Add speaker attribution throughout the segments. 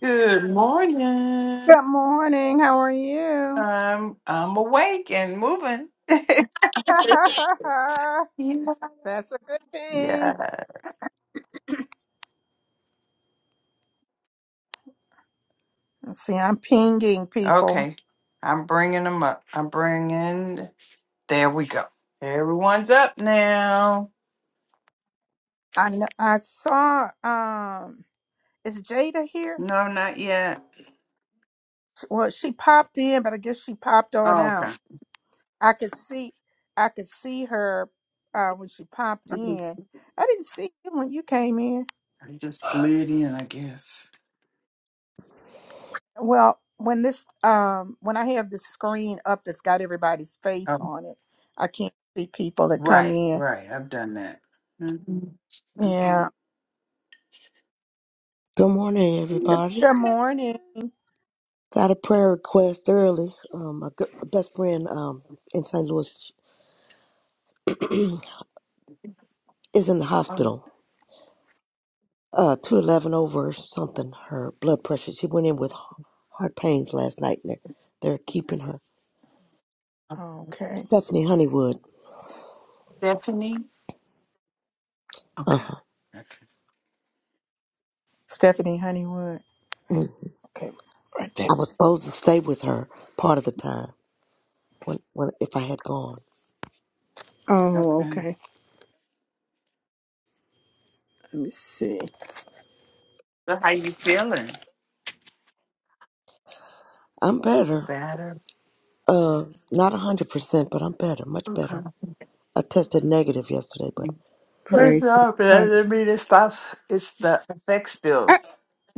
Speaker 1: Good morning.
Speaker 2: Good morning. How are you?
Speaker 1: I'm I'm awake and moving. yeah.
Speaker 2: That's a good thing.
Speaker 1: Yeah.
Speaker 2: Let's see, I'm pinging people.
Speaker 1: Okay. I'm bringing them up. I'm bringing. There we go. Everyone's up now.
Speaker 2: I know, I saw um is Jada here?
Speaker 1: No, not yet.
Speaker 2: Well, she popped in, but I guess she popped on
Speaker 1: Oh, okay.
Speaker 2: out. I could see I could see her uh when she popped
Speaker 1: Mhm.
Speaker 2: in. I didn't see you when you came in.
Speaker 1: I just slid in, I guess.
Speaker 2: Well, when this um when I have this screen up that's got everybody's face
Speaker 1: Oh,
Speaker 2: on it, I can't see people that come
Speaker 1: right,
Speaker 2: in.
Speaker 1: right. I've done that. Mm-hmm.
Speaker 2: Yeah.
Speaker 1: Mm-hmm.
Speaker 3: Good morning,
Speaker 1: Good
Speaker 2: G-
Speaker 1: morning.
Speaker 2: Good
Speaker 3: everybody.
Speaker 2: morning.
Speaker 3: Got a prayer request early. Um, my good, best friend um, in St. Louis is in the
Speaker 1: Um,
Speaker 3: hospital, uh, 211 over something, her blood pressure. She went in with h- heart pains last night, and they're, they're keeping her.
Speaker 2: Okay.
Speaker 3: Stephanie Honeywood.
Speaker 1: Stephanie.
Speaker 3: Uh
Speaker 1: Okay.
Speaker 3: huh.
Speaker 1: Okay.
Speaker 2: Stephanie Honeywood.
Speaker 3: I
Speaker 2: Okay. Right there.
Speaker 3: was supposed to stay with her part of the time when, when if I had gone.
Speaker 2: Oh,
Speaker 1: Okay.
Speaker 2: okay. Let me see.
Speaker 1: So how you feeling?
Speaker 3: I'm better.
Speaker 1: Better.
Speaker 3: Uh, not 100%, but I'm better, much
Speaker 1: Okay.
Speaker 3: better. I tested negative yesterday, but
Speaker 1: Mm. First
Speaker 2: Praise the
Speaker 1: off, that
Speaker 2: Lord.
Speaker 1: doesn't mean it stops. It's the effects
Speaker 2: Ah,
Speaker 1: still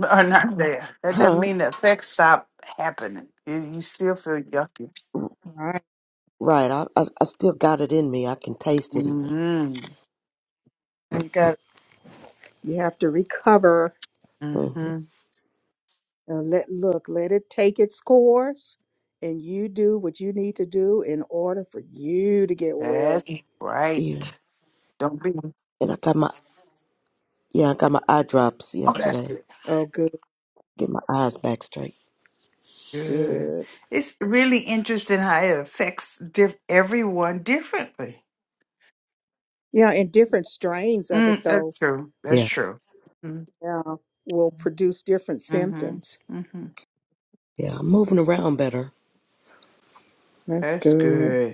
Speaker 1: are not Mm. there. That doesn't
Speaker 3: huh?
Speaker 1: mean the effects stop happening. You, you still feel yucky.
Speaker 2: All right.
Speaker 3: Right. I, I I still got it in me. I can taste it even.
Speaker 1: Mm-hmm.
Speaker 2: You got you have to recover.
Speaker 3: hmm
Speaker 1: Mm-hmm.
Speaker 2: Now let look, let it take its course and you do what you need to do in order for you to get
Speaker 1: That's
Speaker 2: well.
Speaker 1: right.
Speaker 3: Yeah.
Speaker 1: Don't be.
Speaker 3: And I got my yeah I got my eye drops
Speaker 1: Oh, that's
Speaker 3: yesterday.
Speaker 1: good.
Speaker 2: Oh good,
Speaker 3: Get my eyes back straight.
Speaker 1: Good.
Speaker 2: good.
Speaker 1: It's really interesting how it affects diff- everyone differently.
Speaker 2: Yeah, and different strains of it
Speaker 1: Mm,
Speaker 2: though,
Speaker 1: that's true. That's
Speaker 3: Yeah.
Speaker 1: true. Mm-hmm.
Speaker 2: yeah, will produce different
Speaker 1: Mm-hmm.
Speaker 2: symptoms.
Speaker 1: Mm-hmm.
Speaker 3: Yeah. I'm moving around better.
Speaker 2: That's
Speaker 1: That's
Speaker 2: good.
Speaker 1: good.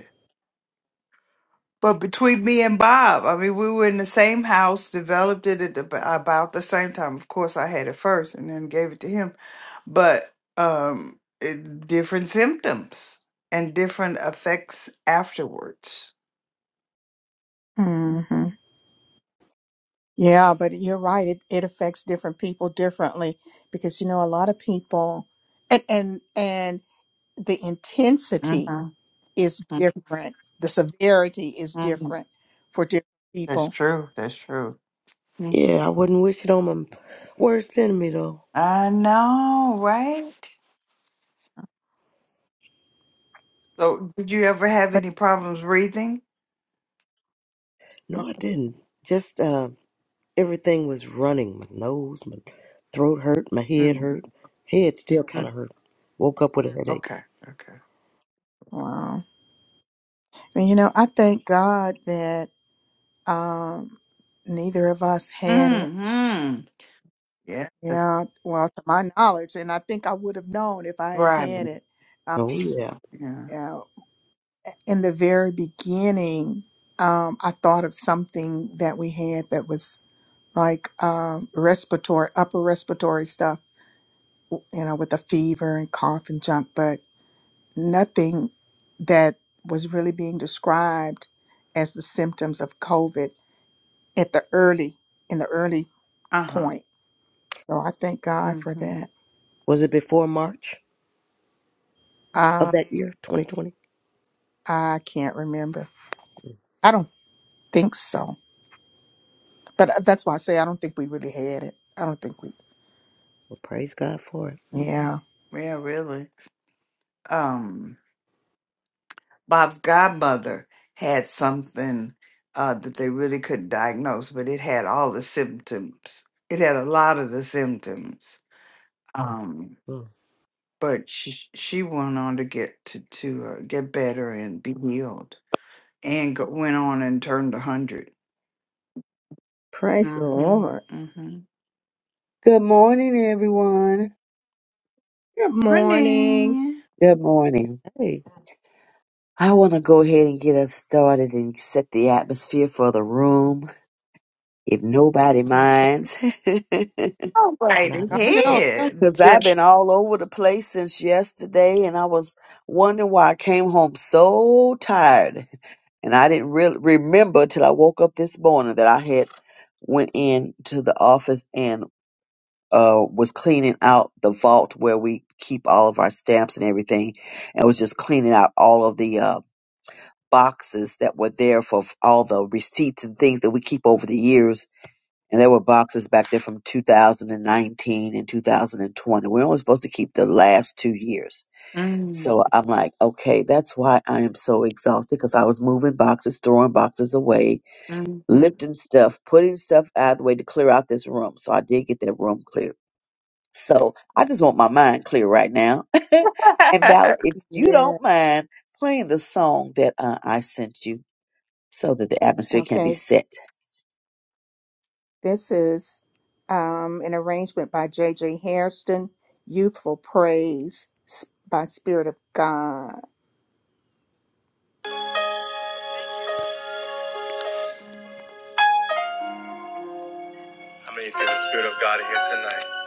Speaker 1: But between me and Bob, I mean, we were in the same house, developed it at ab- about the same time. Of course, I had it first and then gave it to him, but um, it, different symptoms and different effects afterwards. hmm
Speaker 2: hmm Yeah, but you're right. It it affects different people differently because you know a lot of people and and and the intensity
Speaker 1: hmm
Speaker 2: is different. The severity is
Speaker 1: hmm
Speaker 2: different for different
Speaker 1: That's
Speaker 2: people.
Speaker 1: true. That's true. Mm.
Speaker 3: Yeah. I wouldn't wish it on my worst enemy though.
Speaker 1: I know, right? So, did you ever have
Speaker 2: But
Speaker 1: any problems breathing?
Speaker 3: No, I
Speaker 1: Okay.
Speaker 3: didn't. Just uh, everything was running. My nose, my throat hurt, my head
Speaker 1: Mm,
Speaker 3: hurt. Head still
Speaker 1: mm.
Speaker 3: kind of hurt. Woke up with a headache.
Speaker 1: Okay. Okay.
Speaker 2: wow. And you know, I thank God that um neither of us had it.
Speaker 1: hmm Yeah.
Speaker 2: Yeah, well, to my knowledge, and I think I would have known if I had
Speaker 1: Right.
Speaker 2: had it. uh,
Speaker 3: Oh yeah.
Speaker 1: Yeah.
Speaker 2: yeah. in the very beginning, um, I thought of something that we had that was like um, respiratory, upper respiratory stuff, you know, with a fever and cough and junk, but nothing that was really being described as the symptoms of COVID at the early, in the early
Speaker 1: Uh-huh.
Speaker 2: point. So I thank God for
Speaker 1: Mm-hmm.
Speaker 2: that.
Speaker 3: Was it before March of
Speaker 2: Uh,
Speaker 3: that year, 2020?
Speaker 2: I can't remember. I don't think so. But uh, that's why I say I don't think we really had it. I don't think we,
Speaker 3: Well, praise God for it.
Speaker 1: hmm
Speaker 2: yeah.
Speaker 1: Yeah, really. Um, Bob's godmother had something uh that they really couldn't diagnose, but it had all the symptoms. It had a lot of the symptoms. Um,
Speaker 3: Mm.
Speaker 1: but she she went on to get to to uh, get better and be healed, and go, went on and turned a hundred.
Speaker 2: Praise the
Speaker 1: Mm-hmm.
Speaker 2: Lord.
Speaker 1: Mm-hmm.
Speaker 4: Good morning, everyone.
Speaker 2: Good morning.
Speaker 1: Morning.
Speaker 4: Good morning.
Speaker 3: Hey,
Speaker 4: I want to go ahead and get us started and set the atmosphere for the room, if nobody
Speaker 2: Okay.
Speaker 4: minds.
Speaker 1: Oh, right
Speaker 3: not
Speaker 2: Oh
Speaker 3: at all.
Speaker 2: no. I don't.
Speaker 1: ahead.
Speaker 4: Because I've
Speaker 1: Just.
Speaker 4: been all over the place since yesterday, and I was wondering why I came home so tired. And I didn't really remember till I woke up this morning that I had went into the office and. uh, was cleaning out the vault where we keep all of our stamps and everything, and was just cleaning out all of the uh, boxes that were there for f- all the receipts and things that we keep over the years. And there were boxes back there from 2019 and 2020. We're only supposed to keep the last two years.
Speaker 1: Mm-hmm.
Speaker 4: So I'm like, okay, that's why I am so exhausted because I was moving boxes, throwing boxes away, lifting stuff, putting stuff out of the way to clear out this room. So I did get that room cleared so I just want my mind clear right now. and Valor, if you
Speaker 2: Yeah.
Speaker 4: don't mind playing the song that uh, I sent you so that the atmosphere can be
Speaker 2: Okay.
Speaker 4: set.
Speaker 2: This is um, an arrangement by J J Hairston, Youthful Praise s- by Spirit of God. How many feel the Spirit of God here tonight?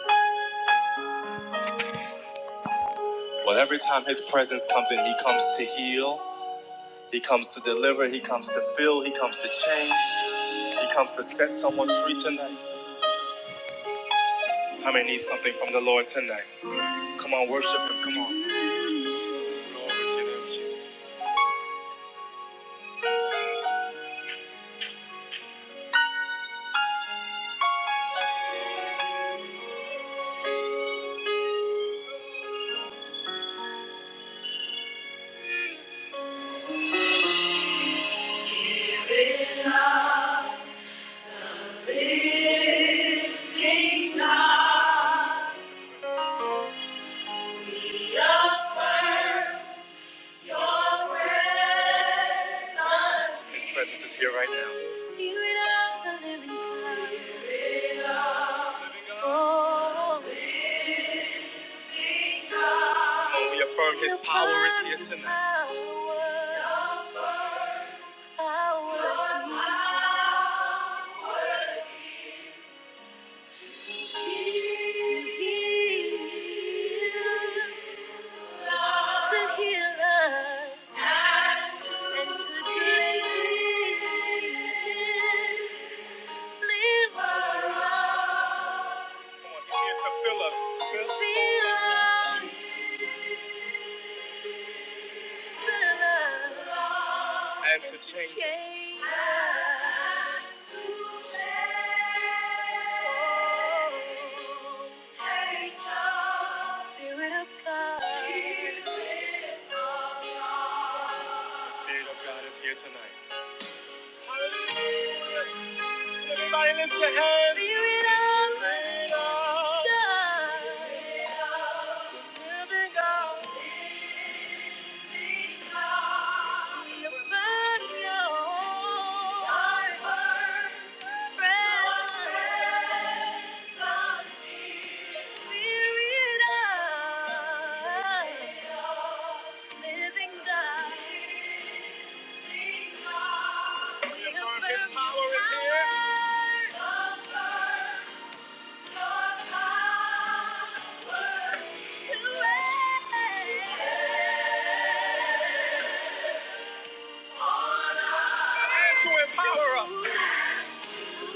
Speaker 2: Well, every time His presence comes in, He comes to heal, He comes to deliver, He comes to fill, He comes to change, He comes to set someone free tonight. How many need something from the Lord tonight? Come on, worship Him. Come on. Glory to Him, Jesus. Living God, we affirm. His presence is here right now. Spirit of the living God. Spirit of the Living God. Oh, we affirm His power is here tonight to on, us, need to fill us. Fill and to change us. Spirit of God is here tonight. Everybody lift your hands. Living God. Living out. Living out. To empower us.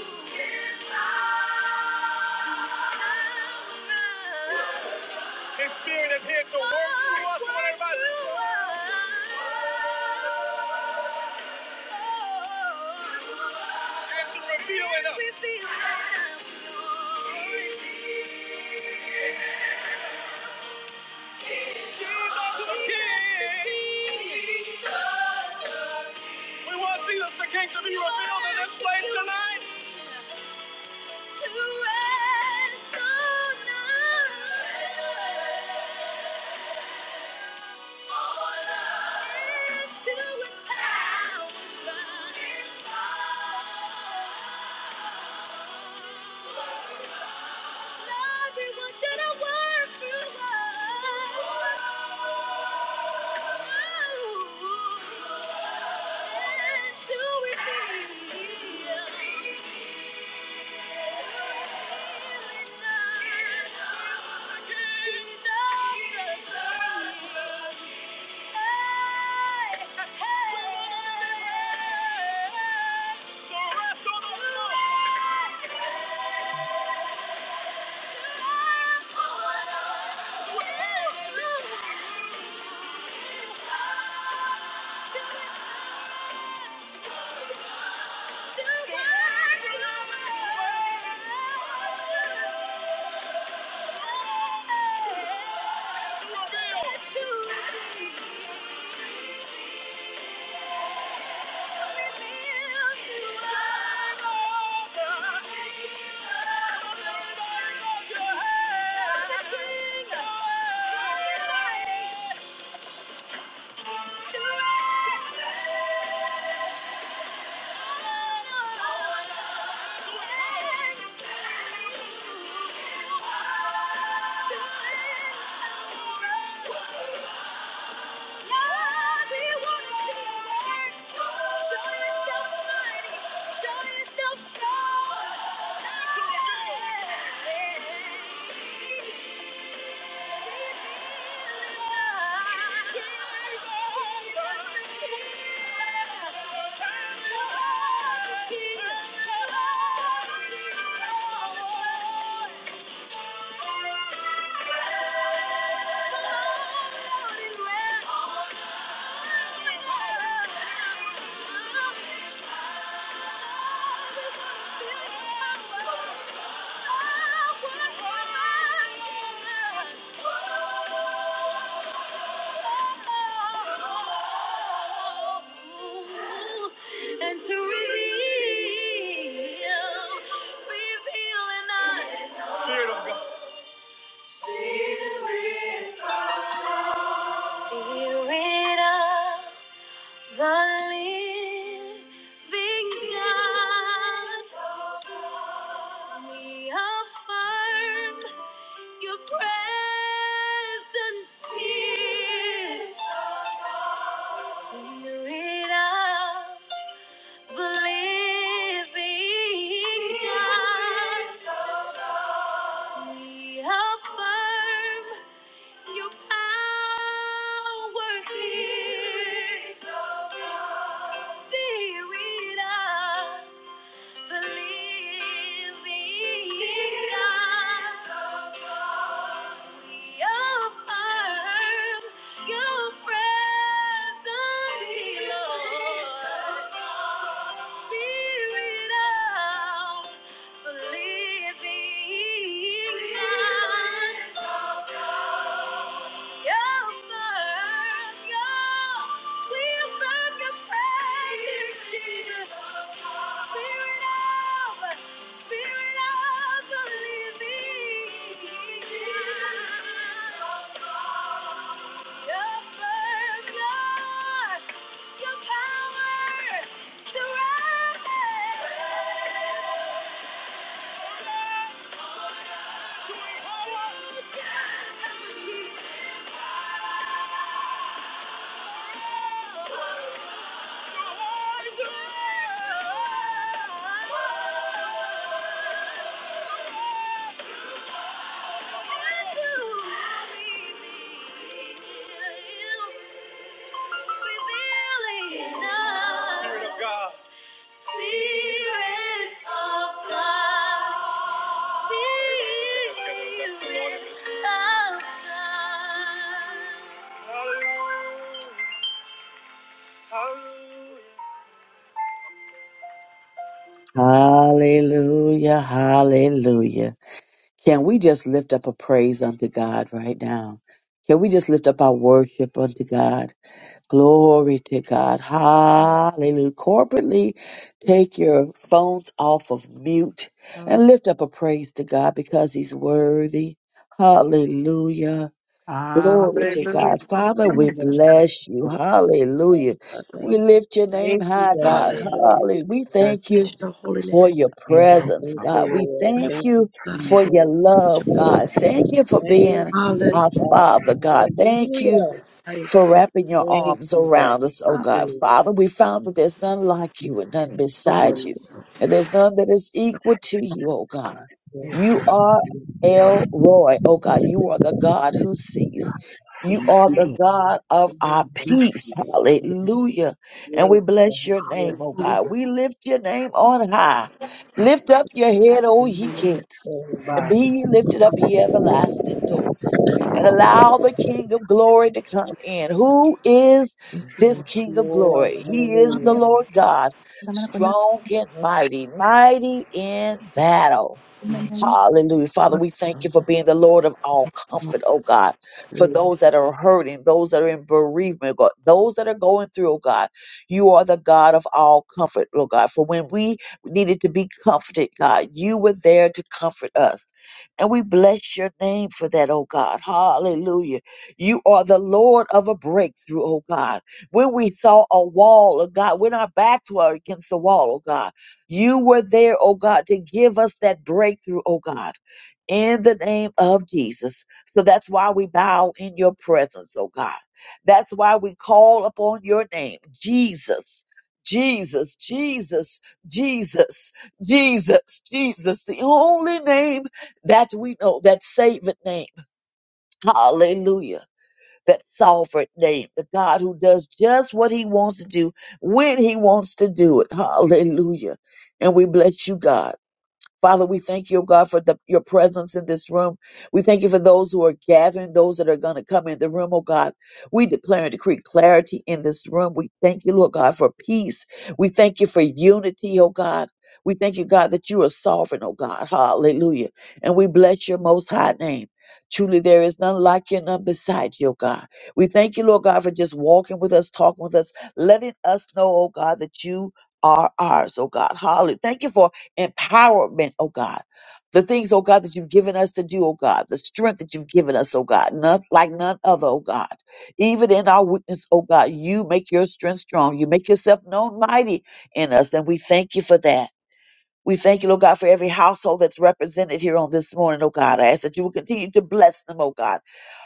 Speaker 2: Spirit is here to work through us. Come on, everybody. to reveal it up. Jesus the King. We want Jesus the King to be revealed in this place tonight. Yeah. Everyone should have worked through life and do it feel? To reveal. Thank you. Yeah. And to reveal, reveal in us. Spirit of the living God, we affirm your presence here. Spirit of the living God, we affirm Your power here. Spirit of the living God. We affirm your presence here, Lord. Spirit of the living God. Your power to rise. Spirit of God. Spirit of God. Spirit of God.
Speaker 4: Hallelujah, hallelujah. Can we just lift up a praise unto God right now? Can we just lift up our worship unto God? Glory to God. Hallelujah. Corporately, take your phones off of mute and
Speaker 2: Hallelujah.
Speaker 4: lift up a praise to God because He's worthy. Hallelujah. Glory to
Speaker 1: Hallelujah.
Speaker 4: God. Father, we bless you. Hallelujah.
Speaker 3: Father.
Speaker 4: We lift your name high, God.
Speaker 3: Hallelujah.
Speaker 4: Hallelujah. We thank
Speaker 1: Yes.
Speaker 3: Bless
Speaker 4: you
Speaker 3: your holy
Speaker 4: for
Speaker 3: name,
Speaker 4: your
Speaker 1: Thank you,
Speaker 4: presence,
Speaker 1: God.
Speaker 4: God. We thank you
Speaker 3: God.
Speaker 4: for
Speaker 3: We
Speaker 4: your
Speaker 3: bless
Speaker 4: love,
Speaker 3: your holy name.
Speaker 4: God. Thank you for being our
Speaker 3: Hallelujah.
Speaker 4: Father, God. Thank you
Speaker 3: Yes,
Speaker 4: for wrapping your arms around us, oh
Speaker 3: Father,
Speaker 4: God. Father, we found that there's none like you and none
Speaker 3: so
Speaker 4: beside
Speaker 3: worthy.
Speaker 4: you, and there's none that is equal to you, oh God.
Speaker 1: Yes.
Speaker 4: You are El Roy, oh God. You are the God who sees. You
Speaker 3: Bless
Speaker 4: are
Speaker 3: your
Speaker 4: the
Speaker 3: name.
Speaker 4: God of our
Speaker 3: Bless
Speaker 4: peace. Hallelujah. And we bless your name,
Speaker 3: your
Speaker 4: oh
Speaker 3: name.
Speaker 4: God. We lift your name on high. Lift up your head, O ye gates, and be ye lifted up, ye everlasting doors and allow the King of glory to come in. Who is
Speaker 3: Bless your
Speaker 4: this
Speaker 3: holy
Speaker 4: King of glory? He is the Lord God, strong and mighty, mighty in battle.
Speaker 2: in the name of-
Speaker 4: Hallelujah. Father, we thank you for being the Lord of all
Speaker 3: name.
Speaker 4: comfort, oh God, for
Speaker 3: Hallelujah.
Speaker 4: those that are hurting, those that are in bereavement, God, those that are going through, oh God. You are the God of all comfort, oh God. For when we needed to be comforted, God, you were there to comfort us. And we bless your name for that, oh God. Hallelujah. You are the Lord of a breakthrough, oh God. When we saw a wall, oh God, when our backs were against the wall, oh God. You were there, oh God, to give us that breakthrough, oh God, in the name of Jesus. So that's why we bow in your presence, oh God. That's why we call upon your name, Jesus. Jesus, Jesus, Jesus, Jesus, Jesus, the only name that we know, that saving name. Hallelujah that sovereign name, the God who does just what he wants to do when he wants to do it. Hallelujah. And we bless you, God. Father, we thank you, oh God, for the, your presence in this room. We thank you for those who are gathering, those that are going to come in the room, oh God. We declare and decree clarity in this room. We thank you, Lord God, for peace. We thank you for unity, oh God. We thank you, God, that you are sovereign, oh God. Hallelujah. And we bless your most high name. Truly, there is none like you, none beside you, oh God. We thank you, Lord God, for just walking with us, talking with us, letting us know, oh God, that you are ours, oh God. Hallelujah. Thank you for empowerment, oh God. The things, oh God, that you've given us to do, oh God, the strength that you've given us, oh God, none like none other, oh God. Even in our weakness, oh God, you make your strength strong. You make yourself known mighty in us, and we thank you for that. We thank you, oh God, for every household that's represented here on this morning, oh God. I ask that you will continue to bless them, oh God.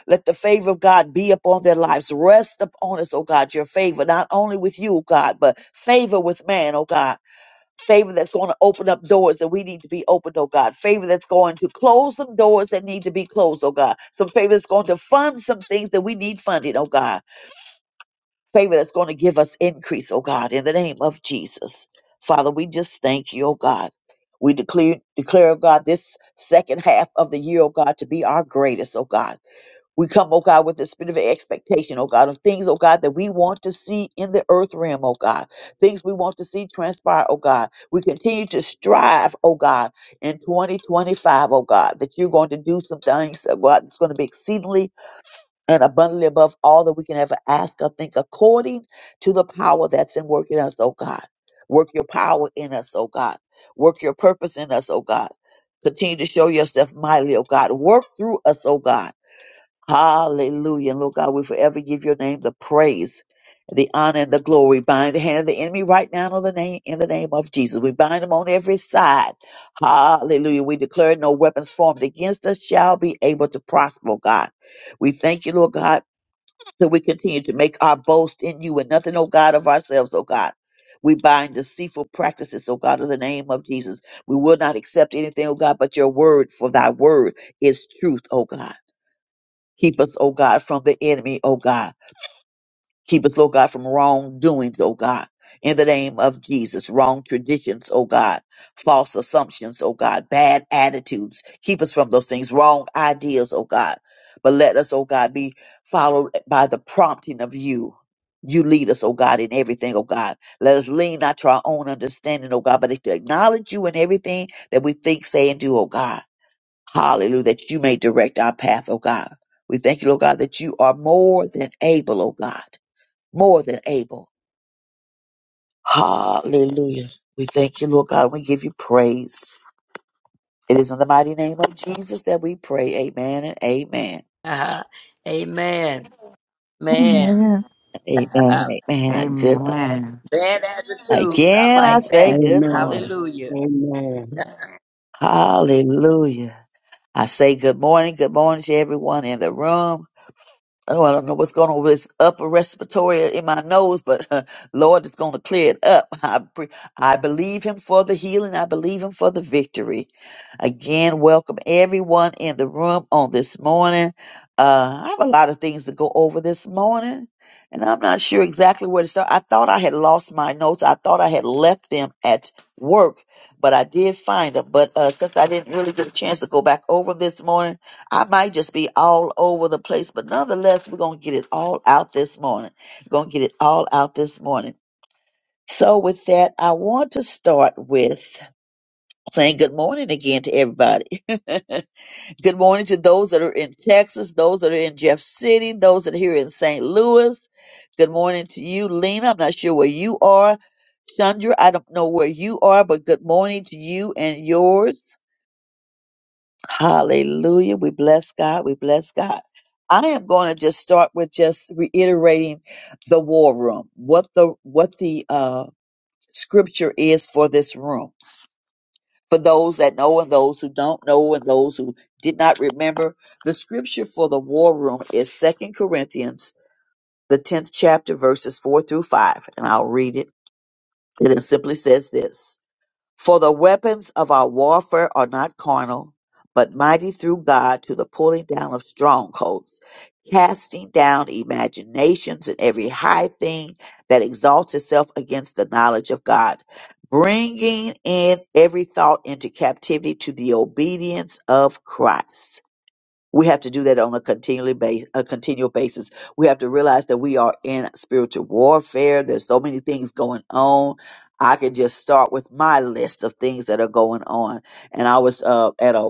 Speaker 4: Let the favor of God be upon their lives. Rest upon us, oh God, your favor, not only with you, oh God, but favor with man, oh God favor that's going to open up doors that we need to be opened, oh God. Favor that's going to close some doors that need to be closed, oh God. Some favor that's going to fund some things that we need funded, oh God. Favor that's going to give us increase, oh God, in the name of Jesus. Father, we just thank you, oh God. We declare, declare, oh God, this second half of the year, oh God, to be our greatest, oh God. We come, oh God, with the spirit of expectation, oh God, of things, oh God, that we want to see in the earth realm, oh God, things we want to see transpire, oh God. We continue to strive, oh God, in 2025, O God, that you're going to do some things, oh God, that's going to be exceedingly and abundantly above all that we can ever ask or think, according to the power that's in working us, oh God. Work your power in us, oh God. Work your purpose in us, oh God. Continue to show yourself mightily, oh God. Work through us, oh God Hallelujah. And Lord God, we forever give your name the praise, the honor, and the glory. Bind the hand of the enemy right now on the name in the name of Jesus. We bind them on every side. Hallelujah. We declare no weapons formed against us shall be able to prosper, oh God. We thank you, Lord God, that we continue to make our boast in you and nothing, oh God, of ourselves, oh God. We bind deceitful practices, oh God, in the name of Jesus. We will not accept anything, oh God, but your word, for thy word is truth, oh God. Keep us, oh God, from the enemy, oh God. Keep us, oh God, from wrongdoings, oh God. In the name of Jesus, wrong traditions, oh God, false assumptions, oh God, bad attitudes. Keep us from those things, wrong ideas, oh God. But let us, oh God, be followed by the prompting of you. You lead us, oh God, in everything, oh God. Let us lean not to our own understanding, oh God, but to acknowledge you in everything that we think, say, and do, oh God. Hallelujah, that you may direct our path, oh God. We thank you, Lord God, that you are more than able, oh God. More than able. Hallelujah. We thank you, Lord God. We give you praise. It is in the mighty name of Jesus that we pray. Amen and amen.
Speaker 5: Uh-huh. Amen. Man.
Speaker 2: Amen.
Speaker 4: Amen
Speaker 5: Uh-huh.
Speaker 4: and amen. A good
Speaker 1: Amen.
Speaker 5: Bad attitudes. I
Speaker 4: again I
Speaker 5: like
Speaker 4: say
Speaker 5: that.
Speaker 4: good
Speaker 6: Amen.
Speaker 4: morning.
Speaker 5: Hallelujah.
Speaker 6: Amen.
Speaker 4: Hallelujah. I say good morning, good morning to everyone in the room. Oh, I don't know what's going on with this upper respiratory in my nose, but Lord is going to clear it up. I, pre- I believe Him for the healing. I believe Him for the victory. Again, welcome everyone in the room on this morning. Uh, I have a lot of things to go over this morning, and I'm not sure exactly where to start. I thought I had lost my notes. I thought I had left them at work, but I did find them. But uh, since I didn't really get a chance to go back over 'em this morning, I might just be all over the place, but nonetheless, we're going to get it all out this morning. We're going to get it all out this morning. So, with that, I want to start with saying good morning again to everybody. good morning to those that are in Texas, those that are in Jeff City, those that are here in St. Louis. Good morning to you, Lena. I'm not sure where you are. Chandra, I don't know where you are, but good morning to you and yours. Hallelujah. We bless God. We bless God. I am going to just start with just reiterating the war room, what the what the uh, scripture is for this room. For those that know and those who don't know and those who did not remember, the scripture for the war room is Second Corinthians, the 10th chapter, verses 4 through 5. And I'll read it. And it simply says this for the weapons of our warfare are not carnal, but mighty through God to the pulling down of strongholds, casting down imaginations and every high thing that exalts itself against the knowledge of God, bringing in every thought into captivity to the obedience of Christ we have to do that on a continually base, a continual basis. We have to realize that we are in spiritual warfare. There's so many things going on. I could just start with my list of things that are going on. And I was uh, at a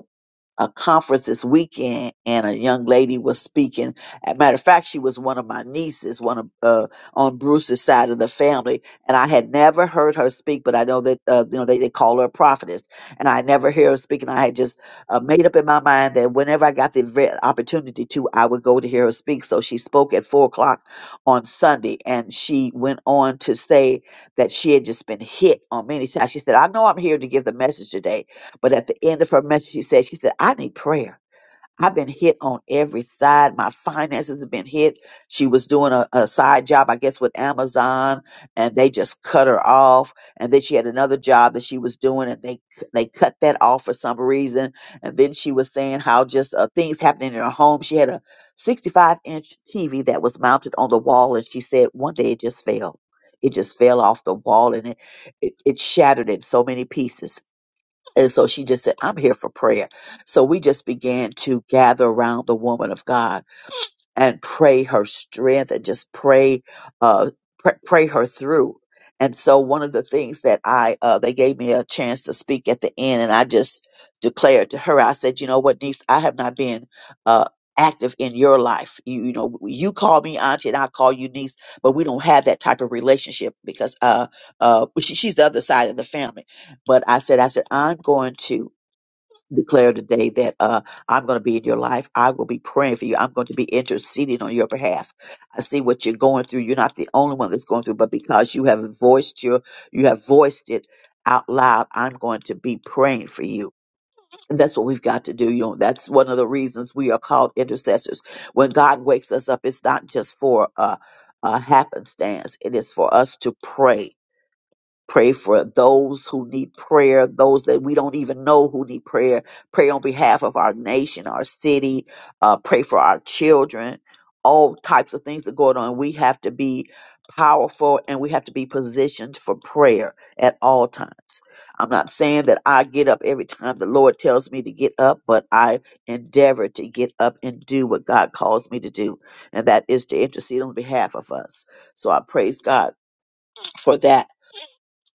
Speaker 4: a conference this weekend, and a young lady was speaking. As a matter of fact, she was one of my nieces, one of uh, on Bruce's side of the family, and I had never heard her speak. But I know that uh, you know they, they call her a prophetess, and I never hear her speaking. I had just uh, made up in my mind that whenever I got the ve- opportunity to, I would go to hear her speak. So she spoke at four o'clock on Sunday, and she went on to say that she had just been hit on many times. She said, "I know I'm here to give the message today, but at the end of her message, she said, she said I need prayer." I've been hit on every side. My finances have been hit. She was doing a, a side job, I guess, with Amazon, and they just cut her off. And then she had another job that she was doing, and they c- they cut that off for some reason. And then she was saying how just uh, things happening in her home. She had a 65 inch TV that was mounted on the wall, and she said one day it just fell. It just fell off the wall and it, it, it shattered in so many pieces and so she just said, I'm here for prayer. So we just began to gather around the woman of God and pray her strength and just pray uh pr- pray her through and so one of the things that i uh they gave me a chance to speak at the end and i just declared to her i said you know what niece i have not been uh active in your life you, you know you call me auntie and i call you niece but we don't have that type of relationship because uh uh she, she's the other side of the family but i said i said i'm going to declare today that uh, I'm going to be in your life. I will be praying for you. I'm going to be interceding on your behalf. I see what you're going through. You're not the only one that's going through, but because you have voiced your, you have voiced it out loud. I'm going to be praying for you. And that's what we've got to do. You know, that's one of the reasons we are called intercessors. When God wakes us up, it's not just for uh, a happenstance. It is for us to pray Pray for those who need prayer, those that we don't even know who need prayer. Pray on behalf of our nation, our city. Uh, pray for our children. All types of things that going on. We have to be powerful and we have to be positioned for prayer at all times. I'm not saying that I get up every time the Lord tells me to get up, but I endeavor to get up and do what God calls me to do, and that is to intercede on behalf of us. So I praise God for that.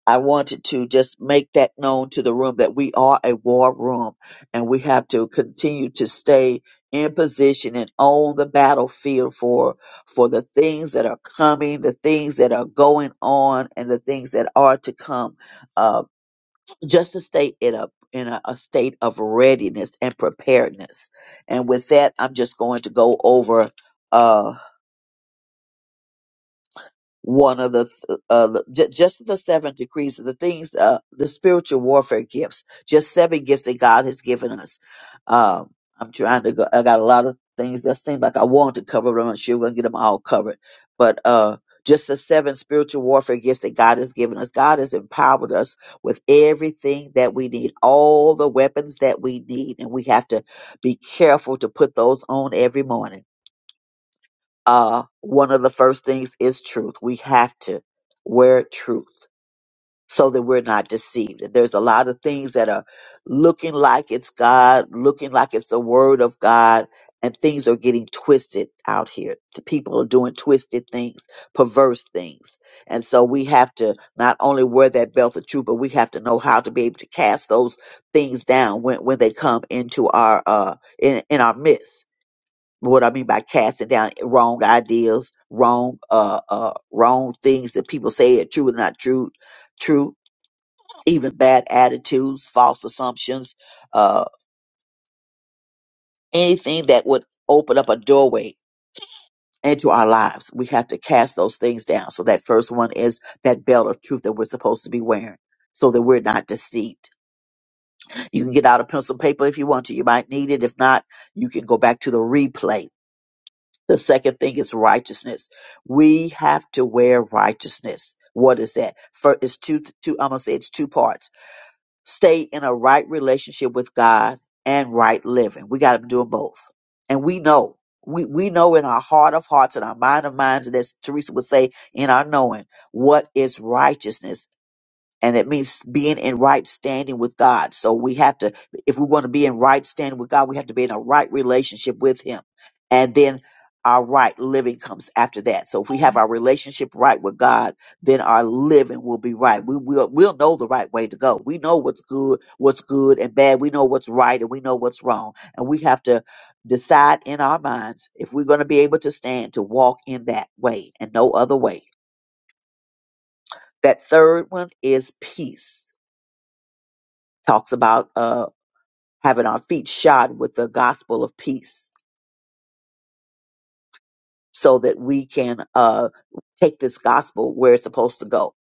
Speaker 4: I wanted to just make that known to the room that we are a war room and we have to continue to stay in position and own the battlefield for for the things that are coming, the things that are going on, and the things that are to come. Uh, just to stay in a in a, a state of readiness and preparedness. And with that, I'm just going to go over. uh, one of the th- uh, the- ju- just the seven decrees the things uh the spiritual warfare gifts just seven gifts that god has given us um i'm trying to go i got a lot of things that seem like i want to cover but i'm not sure we're gonna get them all covered but uh just the seven spiritual warfare gifts that God has given us. God has empowered us with everything that we need, all the weapons that we need. And we have to be careful to put those on every morning uh, one of the first things is truth. We have to wear truth so that we're not deceived. There's a lot of things that are looking like it's God, looking like it's the word of God, and things are getting twisted out here. The people are doing twisted things, perverse things. And so we have to not only wear that belt of truth, but we have to know how to be able to cast those things down when, when they come into our uh in, in our midst what I mean by casting down wrong ideas, wrong uh uh wrong things that people say are true and not true, true, even bad attitudes, false assumptions, uh anything that would open up a doorway into our lives. We have to cast those things down. So that first one is that belt of truth that we're supposed to be wearing. So that we're not deceived. You can get out a pencil and paper if you want to. You might need it. If not, you can go back to the replay The second thing is righteousness. We have to wear righteousness. What is that? For it's two, two. I'm gonna say it's two parts. Stay in a right relationship with God and right living. We got to do 'em both, and we know. We, we know in our heart of hearts and our mind of minds, and as Teresa would say, in our knowing, what is righteousness and it means being in right standing with God. So we have to, if we want to be in right standing with God, we have to be in a right relationship with Him, and then our right living comes after that. So if we have our relationship right with God, then our living will be right. We will we'll know the right way to go. We know what's good, what's good and bad. We know what's right and we know what's wrong, and we have to decide in our minds if we're going to be able to stand to walk in that way and no other way. That third one is peace talks about uh, having our feet shod with the gospel of peace so that we can uh, take this gospel where it's supposed to go.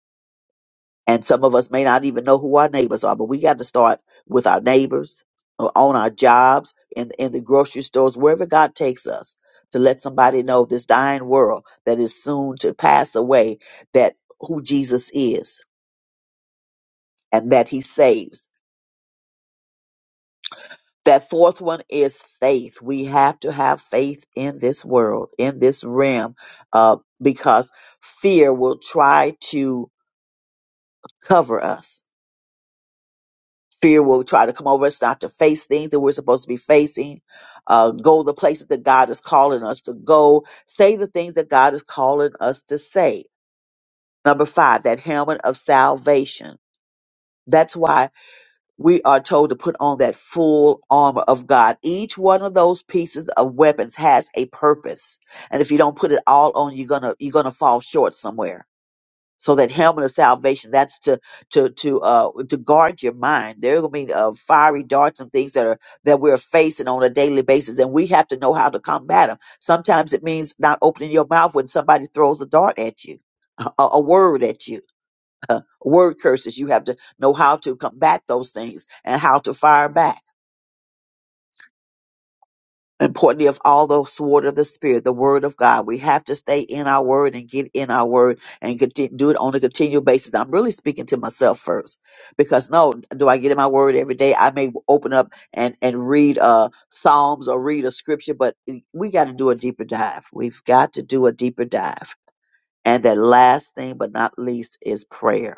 Speaker 4: And some of us may not even know who our neighbors are, but we got to start with our neighbors, or on our jobs, in, in the grocery stores, wherever God takes us, to let somebody know this dying world that is soon to pass away, that who Jesus is and that he saves That fourth one is faith. We have to have faith in this world, in this realm, uh, because fear will try to cover us. Fear will try to come over us not to face things that we're supposed to be facing, uh, go the places that God is calling us to go, say the things that God is calling us to say. Number five, that helmet of salvation. That's why we are told to put on that full armor of God. Each one of those pieces of weapons has a purpose. And if you don't put it all on, you're gonna you're gonna fall short somewhere. So that helmet of salvation, that's to to to uh to guard your mind. There are gonna be uh, fiery darts and things that are that we're facing on a daily basis, and we have to know how to combat them. Sometimes it means not opening your mouth when somebody throws a dart at you, a, a word at you uh, word curses. You have to know how to combat those things and how to fire back. Importantly, of all the sword of the spirit, the word of God, we have to stay in our word and get in our word and continue, do it on a continual basis. I'm really speaking to myself first because no, do I get in my word every day? I may open up and and read uh Psalms or read a scripture, but we got to do a deeper dive. We've got to do a deeper dive. And that last thing, but not least, is prayer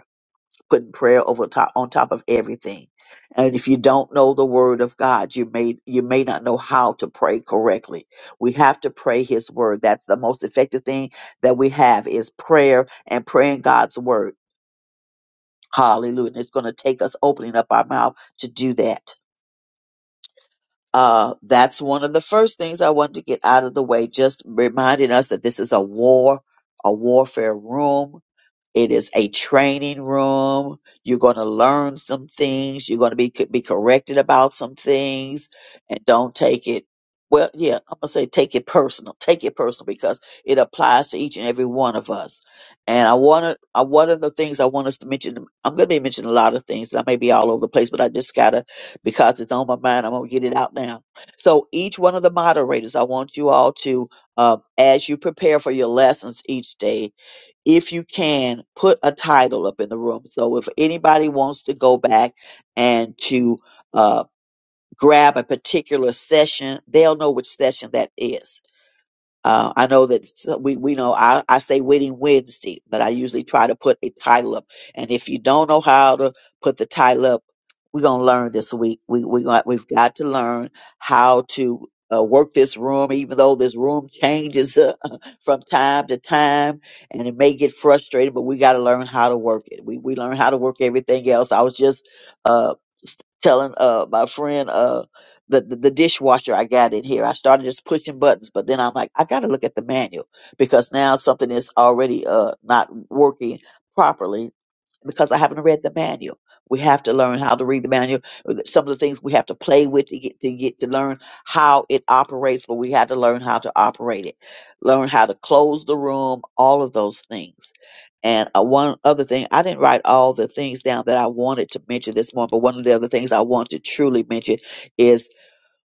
Speaker 4: putting prayer over top on top of everything. And if you don't know the word of God, you may you may not know how to pray correctly. We have to pray his word. That's the most effective thing that we have is prayer and praying God's word. Hallelujah. And it's going to take us opening up our mouth to do that. Uh, that's one of the first things I wanted to get out of the way, just reminding us that this is a war, a warfare room It is a training room. You're going to learn some things. You're going to be be corrected about some things, and don't take it. Well, yeah, I'm gonna say take it personal. Take it personal because it applies to each and every one of us. And I want to. I one of the things I want us to mention. I'm gonna be mentioning a lot of things. I may be all over the place, but I just gotta because it's on my mind. I'm gonna get it out now. So each one of the moderators, I want you all to, uh, as you prepare for your lessons each day, if you can put a title up in the room so if anybody wants to go back and to uh, grab a particular session they'll know which session that is uh, I know that s- we we know I, I say Wedding Wednesday, but I usually try to put a title up. And if you don't know how to put the title up, we're gonna learn this week. We we got we've got to learn how to uh, work this room, even though this room changes uh, from time to time, and it may get frustrating. But we got to learn how to work it. We we learn how to work everything else. I was just uh, telling uh, my friend. uh the, the, the dishwasher I got in here. I started just pushing buttons, but then I'm like, I got to look at the manual because now something is already uh, not working properly because I haven't read the manual. We have to learn how to read the manual. Some of the things we have to play with to get to get to learn how it operates, but we have to learn how to operate it, learn how to close the room, all of those things. And uh, one other thing, I didn't write all the things down that I wanted to mention this morning, but one of the other things I want to truly mention is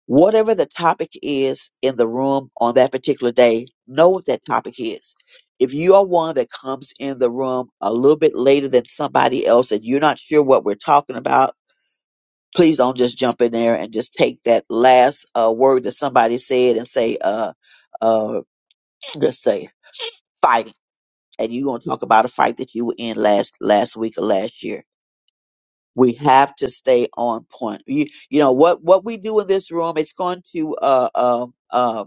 Speaker 4: whatever the topic is in the room on that particular day, know what that topic is. If you are one that comes in the room a little bit later than somebody else and you're not sure what we're talking about, please don't just jump in there and just take that last uh, word that somebody said and say, uh, uh, let's say fighting. And you're going to talk about a fight that you were in last, last week or last year. We have to stay on point. You, you know, what, what we do in this room, it's going to, uh, um, uh,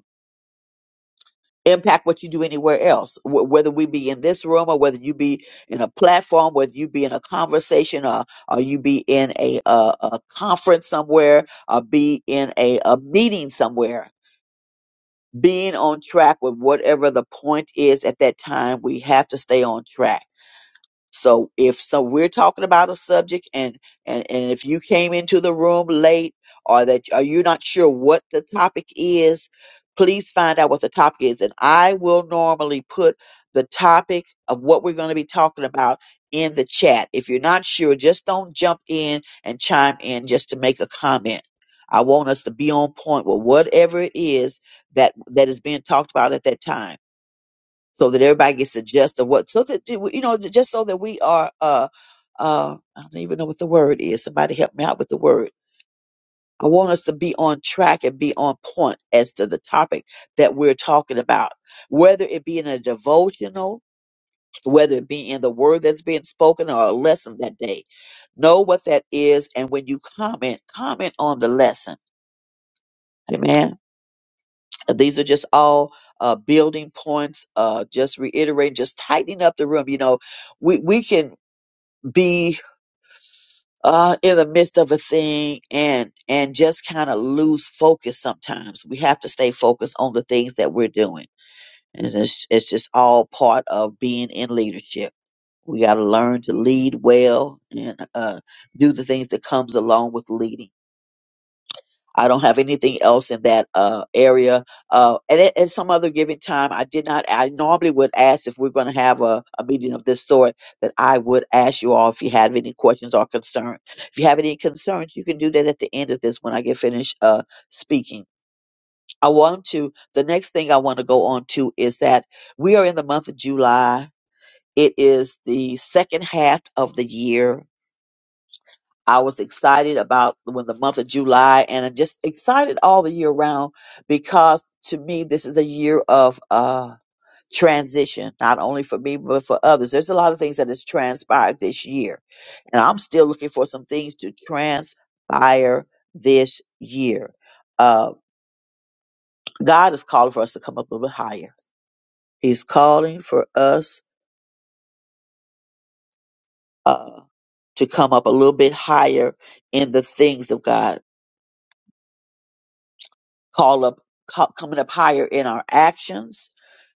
Speaker 4: impact what you do anywhere else, wh- whether we be in this room or whether you be in a platform, whether you be in a conversation or, or you be in a, uh a conference somewhere or be in a, a meeting somewhere. Being on track with whatever the point is at that time, we have to stay on track so if so we're talking about a subject and and and if you came into the room late or that are you not sure what the topic is, please find out what the topic is and I will normally put the topic of what we're going to be talking about in the chat. If you're not sure, just don't jump in and chime in just to make a comment. I want us to be on point with whatever it is that that is being talked about at that time so that everybody gets a gist of what, so that, you know, just so that we are, uh, uh, I don't even know what the word is. Somebody help me out with the word. I want us to be on track and be on point as to the topic that we're talking about, whether it be in a devotional, whether it be in the word that's being spoken or a lesson that day. Know what that is. And when you comment, comment on the lesson. Amen. Uh, These are just all uh, building points. Uh, just reiterating, just tightening up the room. You know, we we can be uh, in the midst of a thing and and just kind of lose focus. Sometimes we have to stay focused on the things that we're doing, and it's it's just all part of being in leadership. We got to learn to lead well and uh, do the things that comes along with leading. I don't have anything else in that uh, area. Uh, and at, at some other given time, I did not. I normally would ask if we're going to have a, a meeting of this sort. That I would ask you all if you have any questions or concerns. If you have any concerns, you can do that at the end of this when I get finished uh, speaking. I want to. The next thing I want to go on to is that we are in the month of July. It is the second half of the year I was excited about when the month of July and I'm just excited all the year round because to me, this is a year of, uh, transition, not only for me, but for others. There's a lot of things that has transpired this year and I'm still looking for some things to transpire this year. Uh, God is calling for us to come up a little bit higher. He's calling for us, uh, to come up a little bit higher in the things of God call up co- coming up higher in our actions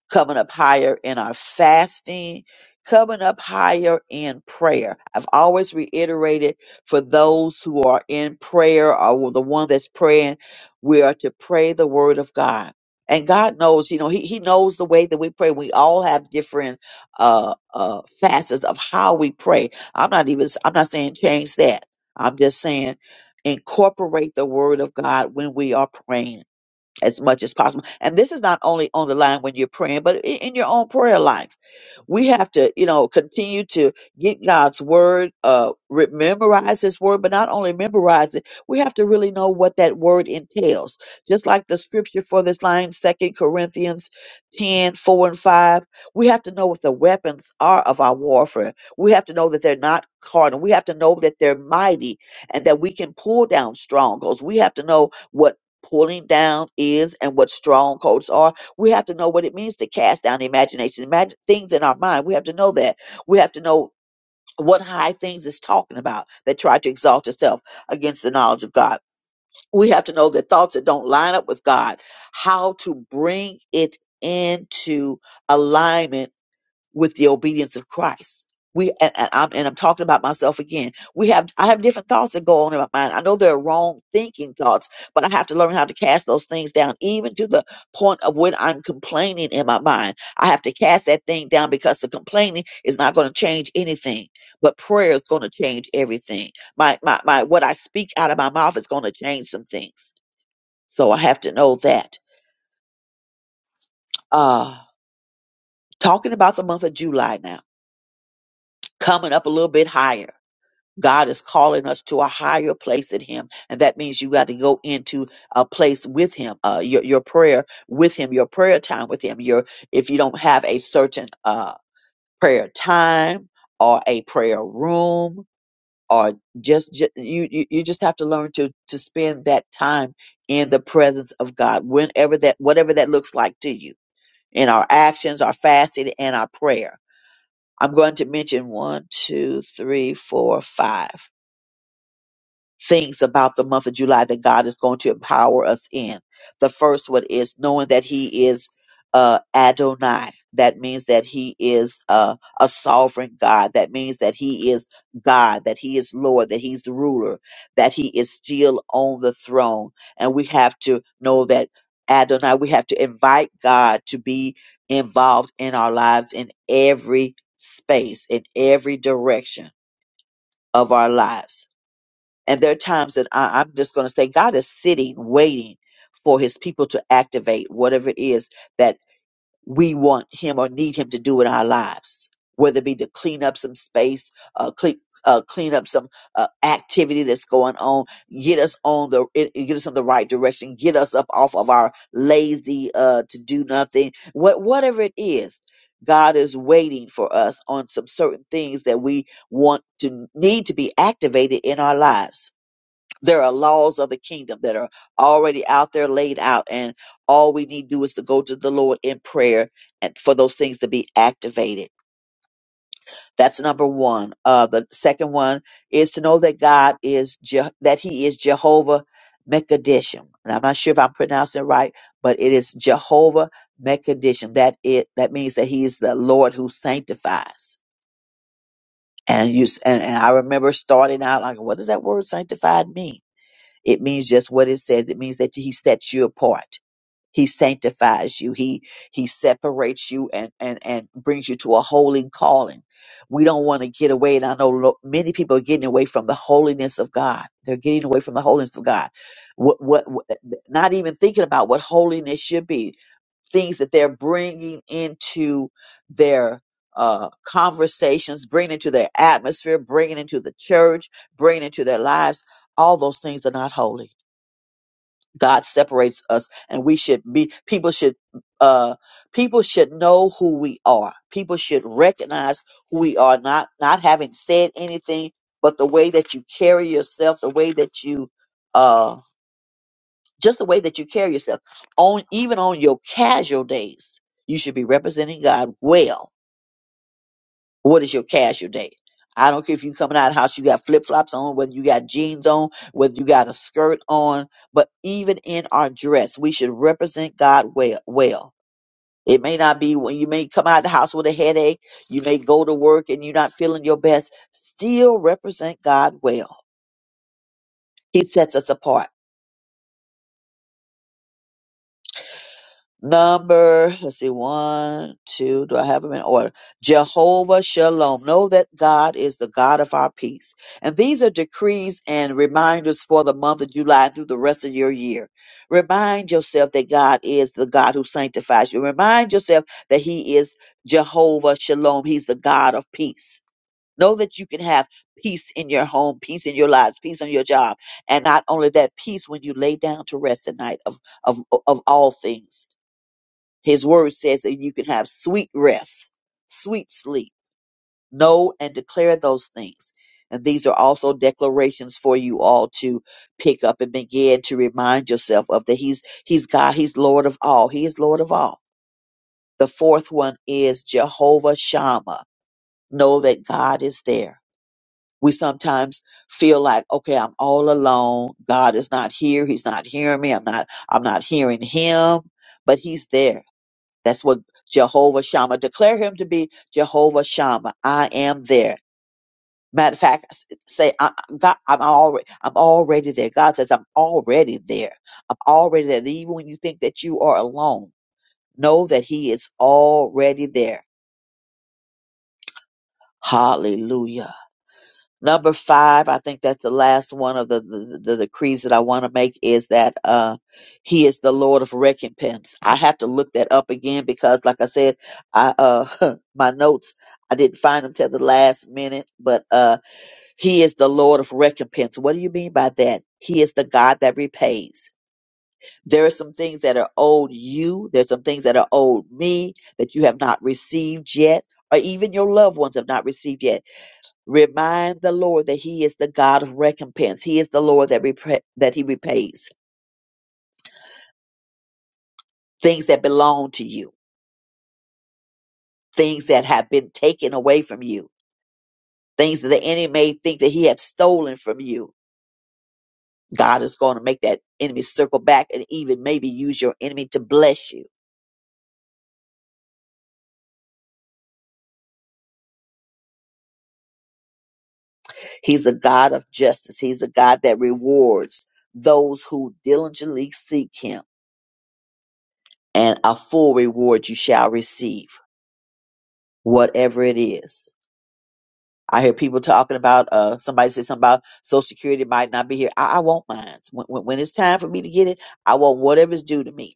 Speaker 4: coming up higher in our fasting coming up higher in prayer i've always reiterated for those who are in prayer or the one that's praying we are to pray the word of god and god knows you know he, he knows the way that we pray we all have different uh uh facets of how we pray i'm not even i'm not saying change that i'm just saying incorporate the word of god when we are praying as much as possible. And this is not only on the line when you're praying, but i- in your own prayer life we have to, you know, continue to get God's word, uh, re- memorize His word, but not only memorize it, we have to really know what that word entails. Just like the scripture for this line, Second Corinthians 10, 4 and 5, we have to know what the weapons are of our warfare. We have to know that they're not carnal. We have to know that they're mighty and that we can pull down strongholds. We have to know what pulling down is and what strongholds are we have to know what it means to cast down the imagination, imagine things in our mind. We have to know that. We have to know what high things is talking about that try to exalt itself against the knowledge of God. We have to know that thoughts that don't line up with God, how to bring it into alignment with the obedience of Christ. We and, and I'm and I'm talking about myself again. We have I have different thoughts that go on in my mind. I know they're wrong thinking thoughts, but I have to learn how to cast those things down, even to the point of when I'm complaining in my mind. I have to cast that thing down because the complaining is not going to change anything, but prayer is going to change everything. My my my what I speak out of my mouth is going to change some things. So I have to know that. Uh talking about the month of July now, coming up a little bit higher God is calling us to a higher place in Him. And that means you got to go into a place with Him, uh, your, your prayer with Him, your prayer time with Him. Your, if you don't have a certain uh, prayer time or a prayer room, or just, ju- you, you, you just have to learn to, to spend that time in the presence of God, whenever that, whatever that looks like to you, in our actions, our fasting, and our prayer. I'm going to mention one, two, three, four, five. things about the month of July that God is going to empower us in. The first one is knowing that He is uh, Adonai. That means that He is uh, a sovereign God. That means that He is God, that He is Lord, that He's the ruler, that He is still on the throne. And we have to know that Adonai, we have to invite God to be involved in our lives in every space, in every direction of our lives and there are times that I, I'm just going to say God is sitting, waiting for his people to activate whatever it is that we want him or need him to do in our lives, whether it be to clean up some space, uh, clean, uh, clean up some uh, activity that's going on, get us on the, it- it get us in the right direction, get us up off of our lazy, uh, to do nothing, what, whatever it is. God is waiting for us on some certain things that we want to need to be activated in our lives there are laws of the kingdom that are already out there laid out, and all we need to do is to go to the Lord in prayer and for those things to be activated. That's number one. Uh, the second one is to know that God is Je- that He is Jehovah Mekadishim. And I'm not sure if I'm pronouncing it right, but it is Jehovah Mekadishim. That it that means that He is the Lord who sanctifies. And you s- and, and I remember starting out like, what does that word sanctified mean? It means just what it says. It means that he sets you apart. He sanctifies you. He he separates you and and and brings you to a holy calling. We don't want to get away, and I know lo- many people are getting away from the holiness of God. They're getting away from the holiness of God. What what, what not even thinking about what holiness should be things that they're bringing into their uh, conversations, bringing into their atmosphere, bringing into the church, bringing into their lives. All those things are not holy. God separates us, and we should be people should uh people should know who we are. People should recognize who we are, not not having said anything, but the way that you carry yourself, the way that you uh just the way that you carry yourself on even on your casual days, you should be representing God well what is your casual day? I don't care if you coming out of the house, you got flip flops on, whether you got jeans on, whether you got a skirt on, but even in our dress, we should represent God well. Well, it may not be when you may come out of the house with a headache, you may go to work and you're not feeling your best. Still represent God well. He sets us apart. Number, let's see, one, two. Do I have them in order? Jehovah Shalom. Know that God is the God of our peace. And these are decrees and reminders for the month of July through the rest of your year. Remind yourself that God is the God who sanctifies you. Remind yourself that He is Jehovah Shalom. He's the God of peace. Know that you can have peace in your home, peace in your lives, peace on your job. And not only that, peace when you lay down to rest at night of, of, of all things his word says that you can have sweet rest, sweet sleep. Know and declare those things. And these are also declarations for you all to pick up and begin to remind yourself of that He's He's God, He's Lord of all. He is Lord of all. The fourth one is Jehovah Shammah. Know that God is there. We sometimes feel like, okay, I'm all alone. God is not here. He's not hearing me. I'm not I'm not hearing him, but he's there. That's what Jehovah Shammah declare him to be. Jehovah Shammah, I am there. Matter of fact, s- say I, I- God, I'm already, I'm already there. God says I'm already there. I'm already there. Even when you think that you are alone, know that He is already there. Hallelujah. Number five, I think that's the last one of the, the, the decrees that I want to make is that uh, He is the Lord of recompense. I have to look that up again because, like I said, I uh, my notes I didn't find them till the last minute. But uh, He is the Lord of recompense. What do you mean by that? He is the God that repays. There are some things that are owed you. There's some things that are owed me that you have not received yet, or even your loved ones have not received yet Remind the Lord that He is the God of recompense. He is the Lord that repa that He repays things that belong to you, things that have been taken away from you, things that the enemy may think that he have stolen from you. God is going to make that enemy circle back and even maybe use your enemy to bless you. He's a God of justice. He's a God that rewards those who diligently seek Him, and a full reward you shall receive, whatever it is. I hear people talking about uh somebody said something about Social Security might not be here. I, I want mine. When, when, when it's time for me to get it, I want whatever's due to me.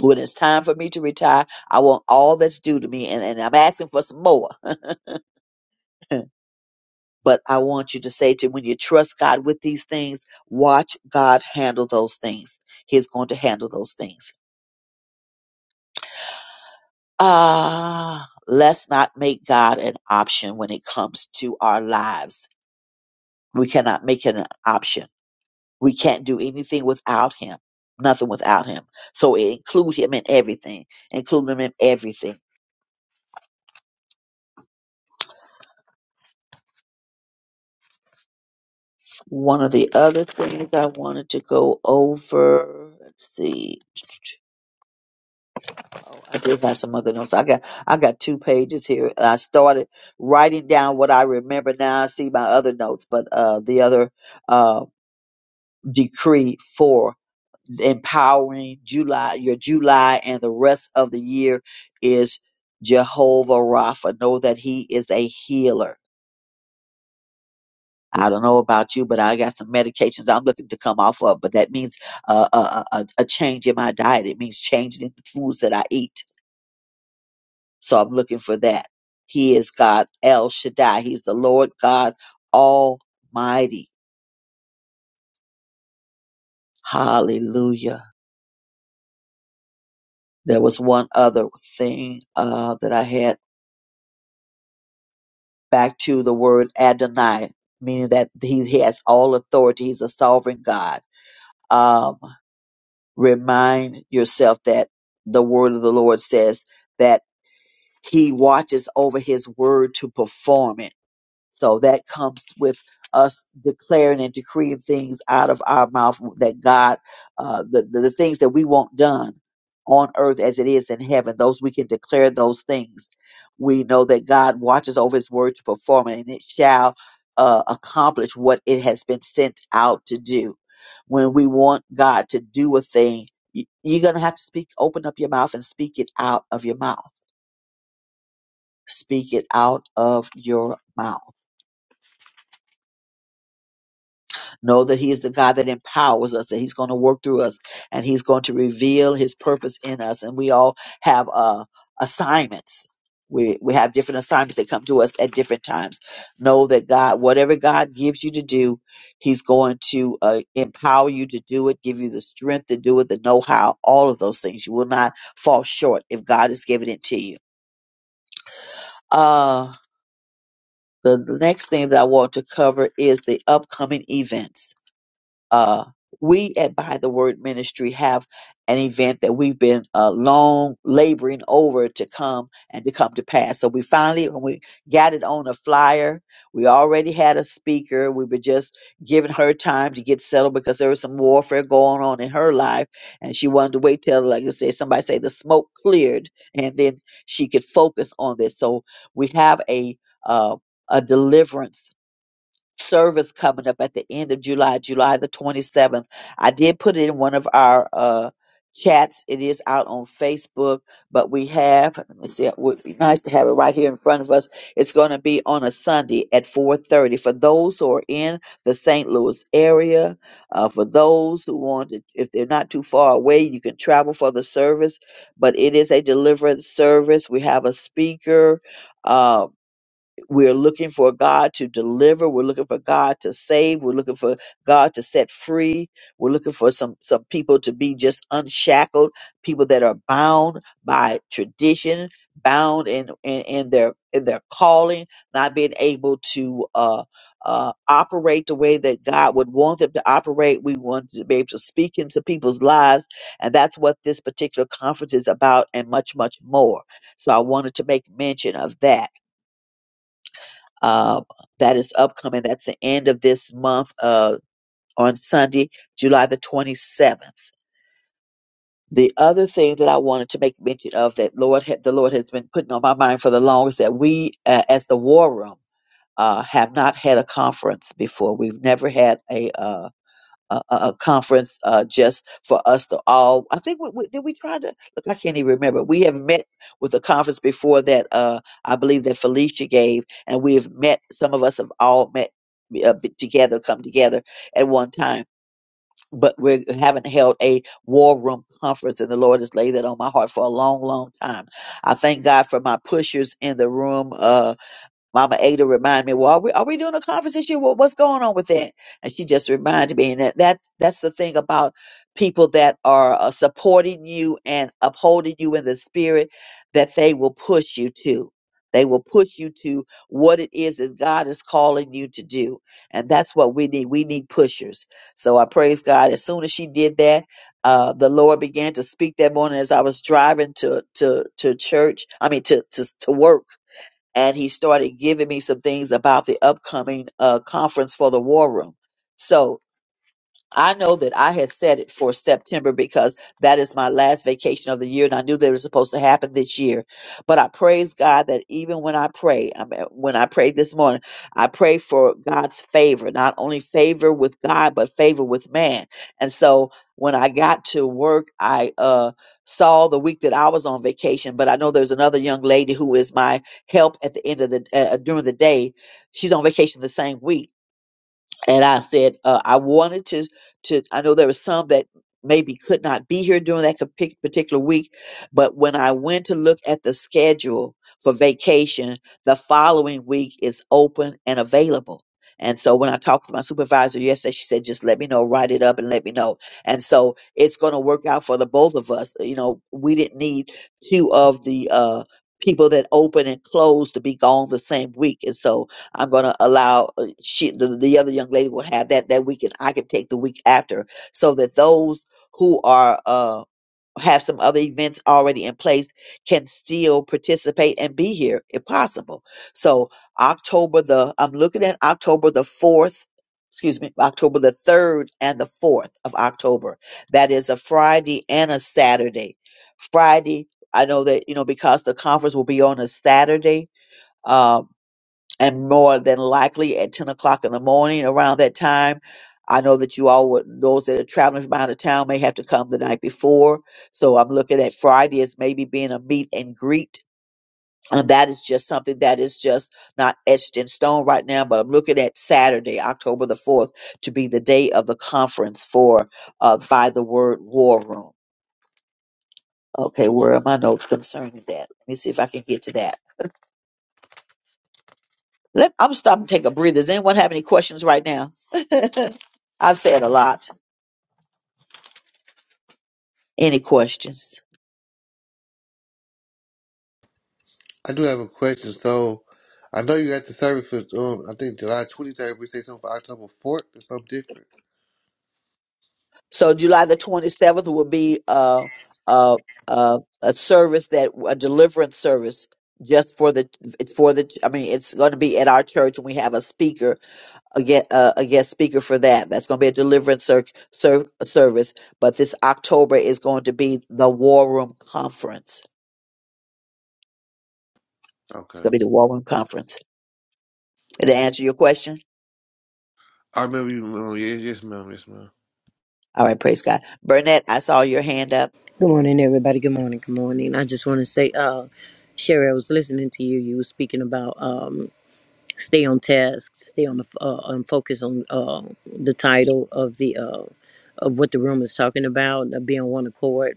Speaker 4: When it's time for me to retire, I want all that's due to me, and, and I'm asking for some more. but I want you to say to when you trust God with these things, watch God handle those things. He's going to handle those things. Ah, let's not make God an option when it comes to our lives. We cannot make it an option We can't do anything without him. Nothing without him. So it include him in everything. Include him in everything. One of the other things I wanted to go over. Let's see. Oh, I did have some other notes. I got I got two pages here. I started writing down what I remember. Now I see my other notes, but uh, the other uh, decree four. empowering July, your July and the rest of the year is Jehovah Rapha. Know that He is a healer. I don't know about you, but I got some medications I'm looking to come off of, but that means uh, a, a, a change in my diet. It means changing in the foods that I eat. So I'm looking for that. He is God El Shaddai. He's the Lord God Almighty. Hallelujah. There was one other thing uh, that I had. back to the word Adonai, meaning that he, he has all authority. He's a sovereign God. Um, remind yourself that the word of the Lord says that he watches over his word to perform it so that comes with us declaring and decreeing things out of our mouth that God, uh, the, the, the things that we want done on earth as it is in heaven, those we can declare those things. We know that God watches over his word to perform it and it shall uh, accomplish what it has been sent out to do. When we want God to do a thing, y- you're going to have to speak, open up your mouth and speak it out of your mouth. Speak it out of your mouth Know that He is the God that empowers us, that He's going to work through us, and He's going to reveal His purpose in us. And we all have uh, assignments. We, we have different assignments that come to us at different times. Know that God, whatever God gives you to do, He's going to uh, empower you to do it, give you the strength to do it, the know how, all of those things. You will not fall short if God has given it to you. Uh, the the next thing that I want to cover is the upcoming events uh, we at Behind the Word Ministry have an event that we've been uh, long laboring over to come and to come to pass. So we finally, when we got it on a flyer, we already had a speaker. We were just giving her time to get settled because there was some warfare going on in her life, and she wanted to wait till, like I said, somebody say the smoke cleared, and then she could focus on this. So we have a uh, a deliverance service coming up at the end of July, July the 27th. I did put it in one of our uh, chats. It is out on Facebook, but we have, let me see, it would be nice to have it right here in front of us. It's going to be on a Sunday at 4.30 for those who are in the St. Louis area. Uh, for those who want, to, if they're not too far away, you can travel for the service, but it is a deliverance service. We have a speaker. uh, we're looking for God to deliver. We're looking for God to save. We're looking for God to set free. We're looking for some, some people to be just unshackled, people that are bound by tradition, bound in, in, in their, in their calling, not being able to, uh, uh, operate the way that God would want them to operate. We want to be able to speak into people's lives. And that's what this particular conference is about and much, much more. So I wanted to make mention of that uh, that is upcoming. That's the end of this month uh, on Sunday, July the 27th. The other thing that I wanted to make mention of that Lord had, the Lord has been putting on my mind for the longest that we uh, as the War Room uh, have not had a conference before. We've never had a. uh, a, a a conference uh, just for us to all. I think we, we, did we try to look. I can't even remember. We have met with a conference before that. Uh, I believe that Felicia gave, and we have met. Some of us have all met uh, be- together, come together at one time. But we haven't held a war room conference, and the Lord has laid that on my heart for a long, long time. I thank God for my pushers in the room. Uh, Mama Ada reminded me, well, are we, are we doing a conference this year? Well, what's going on with that? And she just reminded me, and that, that that's the thing about people that are uh, supporting you and upholding you in the spirit, that they will push you to. They will push you to what it is that God is calling you to do. And that's what we need. We need pushers. So I praise God. As soon as she did that, uh, the Lord began to speak that morning as I was driving to, to, to church, I mean, to, to, to work and he started giving me some things about the upcoming uh, conference for the war room. So I know that I had set it for September because that is my last vacation of the year, and I knew that it was supposed to happen this year. But I praise God that even when I pray, I mean, when I prayed this morning, I pray for God's favor, not only favor with God, but favor with man. And so when I got to work, I uh, saw the week that I was on vacation. But I know there's another young lady who is my help at the end of the uh, during the day. She's on vacation the same week and I said uh, I wanted to to I know there were some that maybe could not be here during that compi- particular week, but when I went to look at the schedule for vacation, the following week is open and available. And so when I talked to my supervisor yesterday, she said, just let me know, write it up and let me know. And so it's going to work out for the both of us. You know, we didn't need two of the uh, people that open and close to be gone the same week. And so I'm going to allow uh, she the, the other young lady will have that that week, and I can take the week after, so that those who are uh have some other events already in place can still participate and be here if possible. So October the I'm looking at October the fourth. Excuse me, October the 3rd and the 4th of October. That is a Friday and a Saturday. Friday, I know that, you know, because the conference will be on a Saturday, uh, and more than likely at 10 o'clock in the morning around that time. I know that you all would, those that are traveling from out of town may have to come the night before. So I'm looking at Friday as maybe being a meet and greet. And that is just something that is just not etched in stone right now, but I'm looking at Saturday, October the 4th, to be the day of the conference for uh, By the Word War Room. Okay, where are my notes concerning that? Let me see if I can get to that. Let, I'm stopping to take a breather. Does anyone have any questions right now? I've said a lot. Any questions?
Speaker 7: I do have a question. So I know you at the service for um I think July twenty third, we say something for October fourth or something different.
Speaker 4: So July the 27th will be uh, uh, uh, a service that a deliverance service just for the it's for the I mean it's going to be at our church and we have a speaker again uh, a guest speaker for that. That's going to be a deliverance ser- ser- service. But this October is going to be the War Room Conference. It's
Speaker 7: Okay.
Speaker 4: going to be the War Room Conference. Did I answer your question?
Speaker 7: I remember you. Oh, yes, yes, ma'am. Yes, ma'am.
Speaker 4: All right, praise God. Burnett, I saw your hand up.
Speaker 8: Good morning, everybody. Good morning. Good morning. I just want to say, uh, Sherry, I was listening to you. You were speaking about um, stay on task, stay on the f- uh, um, focus on uh, the title of the uh, of what the room is talking about, uh, be on one accord,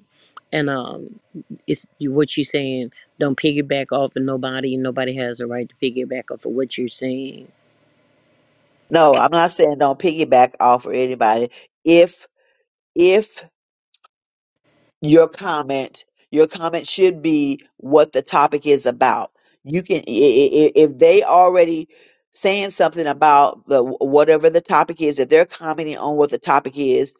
Speaker 8: and um, it's you- what you're saying. Don't piggyback off of nobody. Nobody has a right to piggyback off of what you're saying.
Speaker 4: No, I'm not saying don't piggyback off of anybody. If if your comment your comment should be what the topic is about you can i- i- i- if they already saying something about the whatever the topic is if they're commenting on what the topic is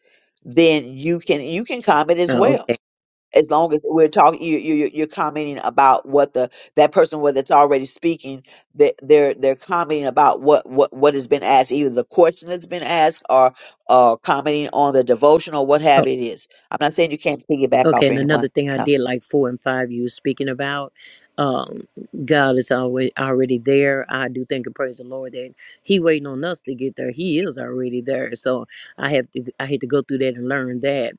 Speaker 4: then you can you can comment as
Speaker 8: Oh,
Speaker 4: well
Speaker 8: okay.
Speaker 4: as long as we're talking you, you you- you're commenting about what the that person whether it's already speaking that they're they're commenting about what what what has been asked either the question that's been asked or uh commenting on the devotion or what have it is i'm not saying you can't piggyback
Speaker 8: Okay,
Speaker 4: off
Speaker 8: and another
Speaker 4: anyone
Speaker 8: thing I
Speaker 4: no.
Speaker 8: did like four and five you were speaking about, um, God is always already there. I do think and praise the Lord that He waiting on us to get there. He is already there. So I have to I had to go through that and learn that.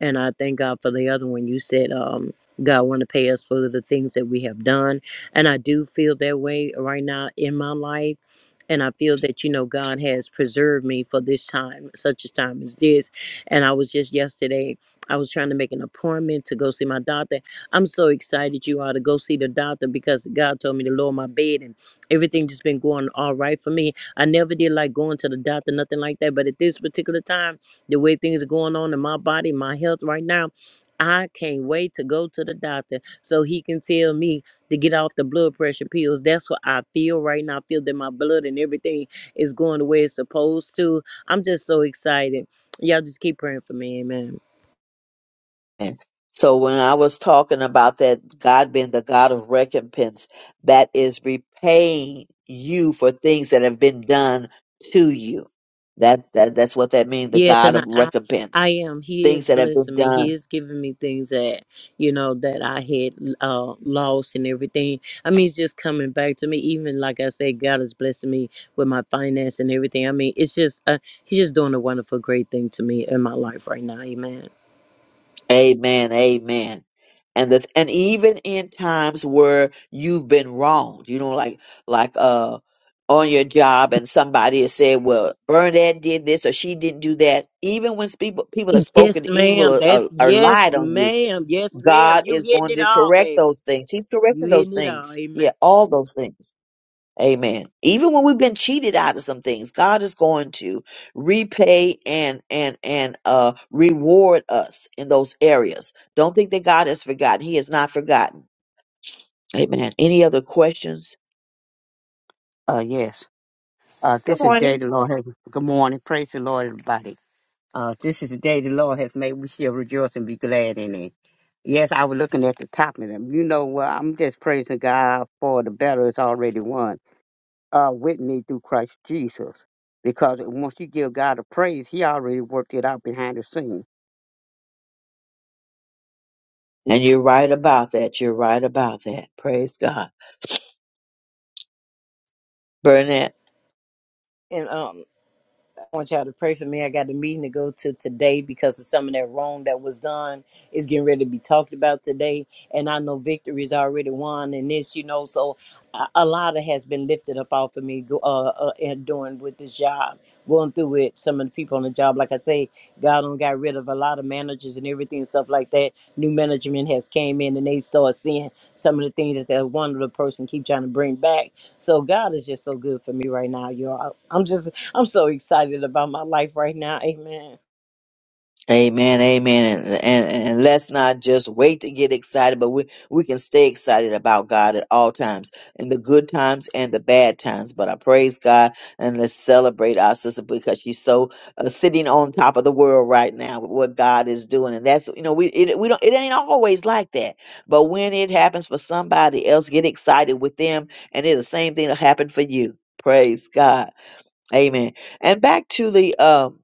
Speaker 8: And I thank God for the other one you said, um, God want to pay us for the things that we have done. And I do feel that way right now in my life and I feel that, you know, God has preserved me for this time, such a time as this. And I was just yesterday, I was trying to make an appointment to go see my doctor. I'm so excited you are to go see the doctor because God told me to lower my bed and everything just been going all right for me. I never did like going to the doctor, nothing like that. But at this particular time, the way things are going on in my body, my health right now, I can't wait to go to the doctor so he can tell me to get off the blood pressure pills. That's what I feel right now. I feel that my blood and everything is going the way it's supposed to. I'm just so excited. Y'all just keep praying for me. Amen.
Speaker 4: And so when I was talking about that God being the God of recompense, that is repaying you for things that have been done to you. That, that that's what that means, the
Speaker 8: Yes,
Speaker 4: God
Speaker 8: and I,
Speaker 4: of
Speaker 8: I I
Speaker 4: recompense.
Speaker 8: am. He
Speaker 4: Things
Speaker 8: is
Speaker 4: that have been
Speaker 8: blessing me.
Speaker 4: done
Speaker 8: He is giving me things that, you know, that I had uh, lost and everything. I mean, it's just coming back to me. Even like I said, God is blessing me with my finance and everything. I mean, it's just, uh, he's just doing a wonderful, great thing to me in my life right now. Amen.
Speaker 4: Amen. Amen. And the and even in times where you've been wronged, you know, like like uh on your job and somebody has said, Well, Bernadette did this or she didn't do that, even when people people have spoken
Speaker 8: Yes,
Speaker 4: evil
Speaker 8: ma'am.
Speaker 4: or, or,
Speaker 8: That's
Speaker 4: or
Speaker 8: yes,
Speaker 4: lied on you,
Speaker 8: ma'am. Yes, ma'am.
Speaker 4: God
Speaker 8: You
Speaker 4: is
Speaker 8: hitting
Speaker 4: going
Speaker 8: it
Speaker 4: to
Speaker 8: all,
Speaker 4: correct
Speaker 8: baby.
Speaker 4: those things. He's
Speaker 8: You
Speaker 4: correcting those
Speaker 8: hitting it all.
Speaker 4: things. Yeah,
Speaker 8: Amen.
Speaker 4: all those things. Amen. Even when we've been cheated out of some things, God is going to repay and and and uh reward us in those areas. Don't think that God has forgotten. He has not forgotten. Amen. Any other questions?
Speaker 9: Uh, yes. Uh,
Speaker 4: Good
Speaker 9: this is the day
Speaker 4: morning.
Speaker 9: the Lord has. Good morning. Praise the Lord, everybody. Uh, this is the day the Lord has made. We shall rejoice and be glad in it. Yes, I was looking at the top of them. You know what? I'm just praising God for the battle is already won uh, with me through Christ Jesus. Because once you give God a praise, He already worked it out behind the scenes.
Speaker 4: And you're right about that. You're right about that. Praise God. Burnett.
Speaker 8: And um, I want y'all to pray for me. I got a meeting to go to today because of some of that wrong that was done is getting ready to be talked about today. And I know victory is already won in this, you know. So a, a lot of has been lifted up off of me go- uh, uh, and doing with this job, going through it. Some of the people on the job, like I say, God done got rid of a lot of managers and everything and stuff like that. New management has came in and they start seeing some of the things that that one little person keep trying to bring back. So God is just so good for me right now, y'all. I'm just I'm so excited about my life right now. Amen.
Speaker 4: Amen, amen, and, and and let's not just wait to get excited, but we we can stay excited about God at all times, in the good times and the bad times. But I praise God and let's celebrate our sister because she's so uh, sitting on top of the world right now with what God is doing, and that's you know we it, we don't it ain't always like that, but when it happens for somebody else, get excited with them, and it's the same thing that happened for you. Praise God, Amen. And back to the um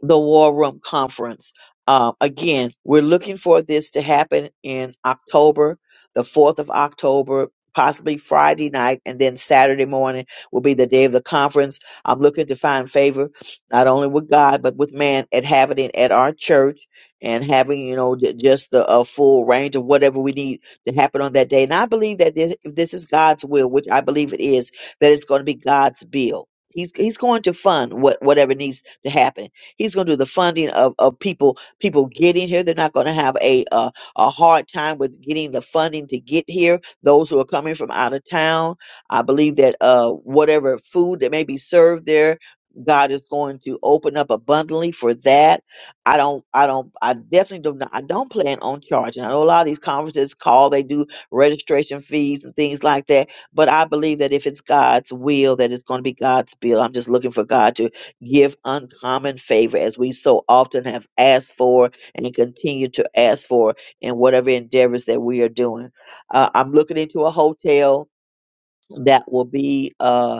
Speaker 4: the War Room Conference. Uh, again, we're looking for this to happen in October, the 4th of October, possibly Friday night, and then Saturday morning will be the day of the conference. I'm looking to find favor, not only with God, but with man at having it at our church and having, you know, j- just the uh, full range of whatever we need to happen on that day. And I believe that this, if this is God's will, which I believe it is, that it's going to be God's bill. He's, he's going to fund what, whatever needs to happen He's going to do the funding of, of people people getting here. They're not going to have a uh, a hard time with getting the funding to get here. Those who are coming from out of town, I believe that uh, whatever food that may be served there. God is going to open up abundantly for that. I don't, I don't, I definitely do not, I don't plan on charging. I know a lot of these conferences call, they do registration fees and things like that but I believe that if it's God's will, that it's going to be God's bill. I'm just looking for God to give uncommon favor as we so often have asked for and continue to ask for in whatever endeavors that we are doing. Uh, I'm looking into a hotel that will be. Uh,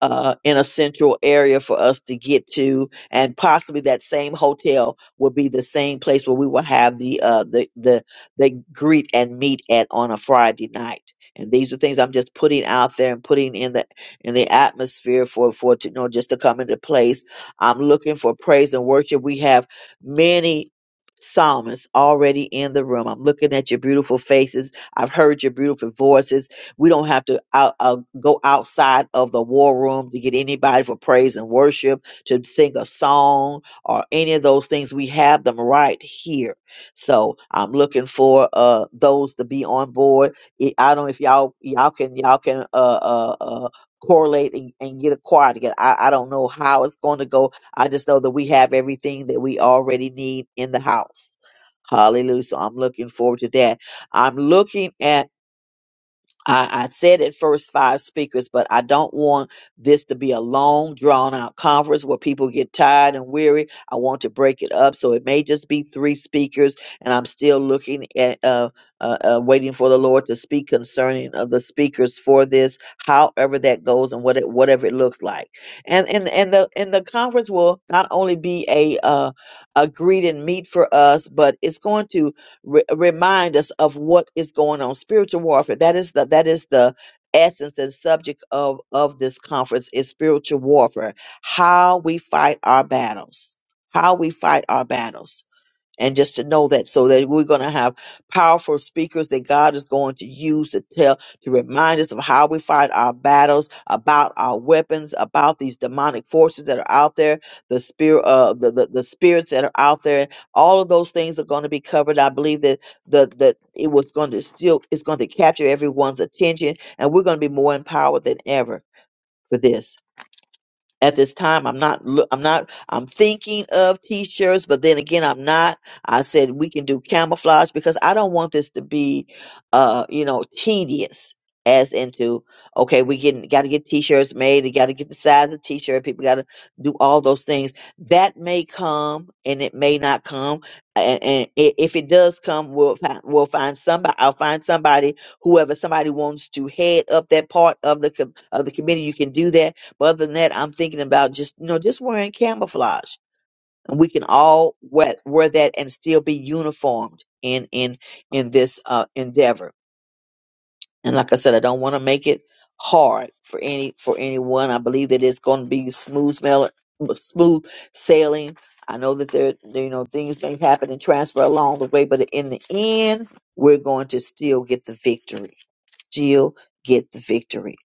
Speaker 4: uh, in a central area for us to get to, and possibly that same hotel will be the same place where we will have the uh, the the the greet and meet at on a Friday night. And these are things I'm just putting out there and putting in the in the atmosphere for for to, you know just to come into place. I'm looking for praise and worship. We have many psalmists already in the room. I'm looking at your beautiful faces. I've heard your beautiful voices. We don't have to out, uh, go outside of the war room to get anybody for praise and worship, to sing a song or any of those things. We have them right here. So I'm looking for uh, those to be on board. I I don't know if y'all y'all can y'all can uh, uh, uh, correlate and, and get a choir together. I, I don't know how it's going to go. I just know that we have everything that we already need in the house. Hallelujah. So I'm looking forward to that. I'm looking at I, I said at first five speakers, but I don't want this to be a long, drawn out conference where people get tired and weary. I want to break it up, so it may just be three speakers, and I'm still looking at uh, uh, uh, waiting for the Lord to speak concerning of the speakers for this, however that goes, and what it, whatever it looks like. And and and the and the conference will not only be a uh, a greet and meet for us, but it's going to re- remind us of what is going on. Spiritual warfare. That is the that is the essence and subject of of this conference is spiritual warfare. How we fight our battles. How we fight our battles and just to know that so that we're going to have powerful speakers that God is going to use to tell to remind us of how we fight our battles about our weapons about these demonic forces that are out there the spirit uh the, the, the spirits that are out there all of those things are going to be covered I believe that the that it was going to still it's going to capture everyone's attention and we're going to be more empowered than ever for this at this time. I'm not, loo- I'm not, I'm thinking of t-shirts, but then again, I'm not. I said we can do camouflage because I don't want this to be, uh, you know, tedious as into, okay, we getting, got to get t-shirts made. You got to get the size of t-shirt. People got to do all those things that may come and it may not come. And, and i- if it does come, we'll find, we'll find somebody, I'll find somebody, whoever somebody wants to head up that part of the, com- of the committee. You can do that but other than that, I'm thinking about just you know just wearing camouflage, and we can all wear, wear that and still be uniformed in in in this uh, endeavor. And like I said, I don't want to make it hard for any for anyone. I believe that it's going to be smooth smell, smooth sailing. I know that there you know things may happen and transfer along the way, but in the end, we're going to still get the victory. Still get the victory.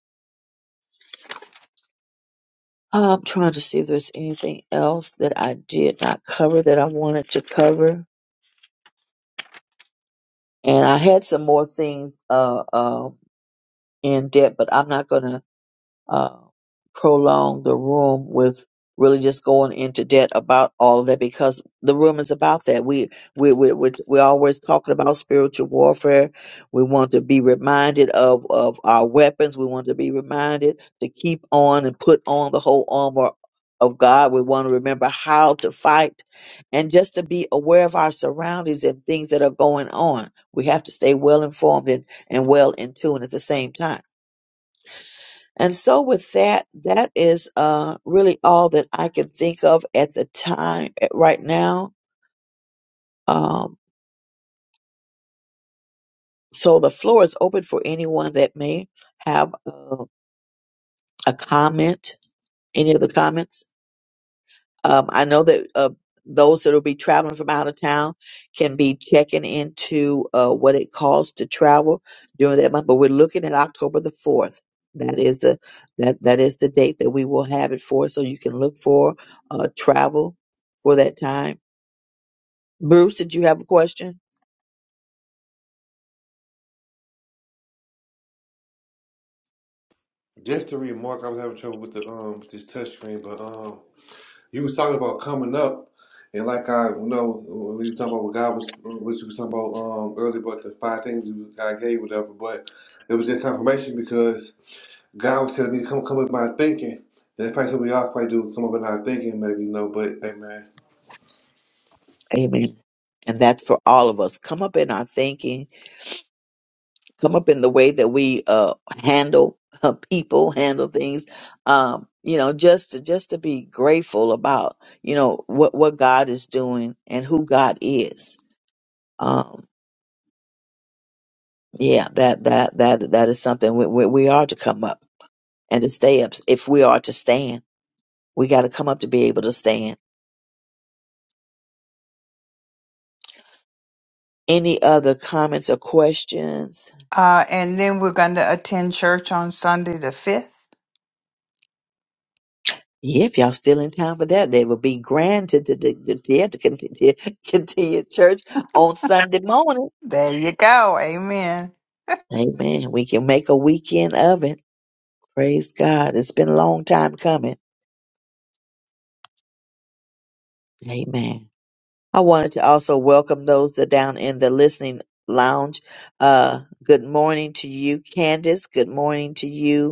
Speaker 4: I'm trying to see if there's anything else that I did not cover that I wanted to cover. And I had some more things uh, uh, in depth, but I'm not going to uh, prolong the room with really just going into debt about all of that because the room is about that. We we we we we're always talking about spiritual warfare. We want to be reminded of of our weapons. We want to be reminded to keep on and put on the whole armor of God. We want to remember how to fight and just to be aware of our surroundings and things that are going on. We have to stay well informed and, and well in tune at the same time and so with that, that is uh, really all that I can think of at the time at right now. Um, so the floor is open for anyone that may have uh, a comment, any of the comments. Um, I know that uh, those that will be traveling from out of town can be checking into uh, what it costs to travel during that month. But we're looking at October the fourth. That is the that that is the date that we will have it for. So you can look for uh, travel for that time. Bruce, did you have a question?
Speaker 7: Just to remark, I was having trouble with the um with this touch screen, but um you was talking about coming up and like I you know when we was talking about what God was what you was talking about um earlier about the five things that God gave whatever, but it was just confirmation because God was telling me to come come up with my thinking. And that's probably something we all probably do come up with our thinking maybe you know, but amen.
Speaker 4: Amen. And that's for all of us. Come up in our thinking come up in the way that we uh, handle uh, people, handle things. Um, you know, just to just to be grateful about you know what what God is doing and who God is. Um, yeah, that that that that is something we, we, we are to come up and to stay up. If we are to stand, we got to come up to be able to stand. Any other comments or questions?
Speaker 1: Uh, and then we're going to attend church on Sunday the 5th.
Speaker 4: Yeah, if y'all still in time for that, they will be grand to, to, to, to, to continue church on Sunday morning.
Speaker 1: There you go. Amen.
Speaker 4: Amen. We can make a weekend of it. Praise God. It's been a long time coming. Amen. I wanted to also welcome those that are down in the listening lounge. Uh, good morning to you, Candace. Good morning to you.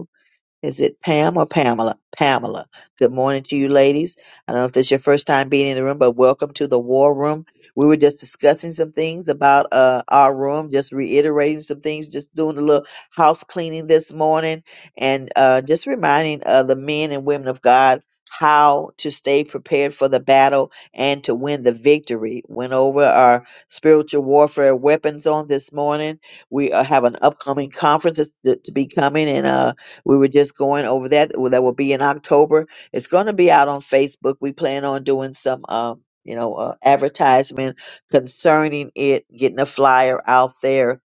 Speaker 4: Is it Pam or Pamela? Pamela. Good morning to you, ladies. I don't know if this is your first time being in the room, but welcome to the war room. We were just discussing some things about uh, our room, just reiterating some things, just doing a little house cleaning this morning, and uh, just reminding uh, the men and women of God how to stay prepared for the battle and to win the victory. Went over our spiritual warfare weapons on this morning. We uh, have an upcoming conference that's- that- to be coming, and uh, we were just going over that. Well, That will be in October. It's going to be out on Facebook. We plan on doing some, um, you know, uh, advertisement concerning it, getting a flyer out there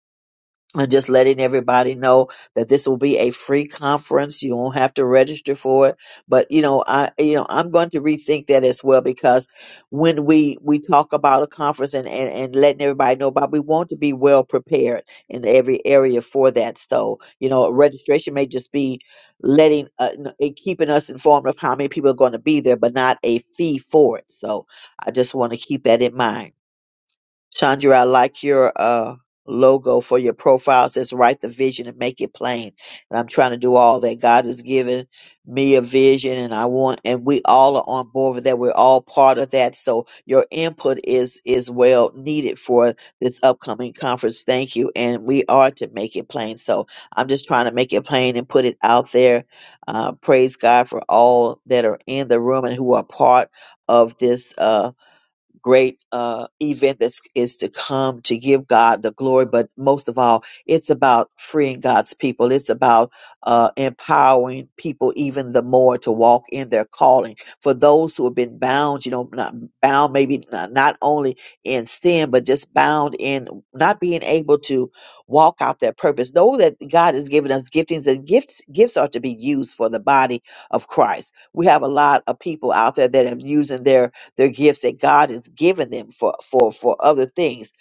Speaker 4: and just letting everybody know that this will be a free conference. You won't have to register for it. But you know, I you know I'm going to rethink that as well because when we we talk about a conference and and, and letting everybody know about, we want to be well prepared in every area for that. So you know, registration may just be letting uh, n- it keeping us informed of how many people are going to be there, but not a fee for it. So I just want to keep that in mind. Chandra, I like your uh logo for your profile. It says write the vision and make it plain. And I'm trying to do all that. God has given me a vision and I want and we all are on board with that. We're all part of that. So your input is is well needed for this upcoming conference. Thank you. And we are to make it plain. So I'm just trying to make it plain and put it out there. Uh, praise God for all that are in the room and who are part of this Uh, great uh, event that is to come to give God the glory. But most of all, it's about freeing God's people. It's about uh, empowering people even the more to walk in their calling. For those who have been bound, you know, not bound maybe not, not only in sin, but just bound in not being able to walk out their purpose. Know that God has given us giftings and gifts gifts are to be used for the body of Christ. We have a lot of people out there that are using their their gifts that God has given them for for for other things.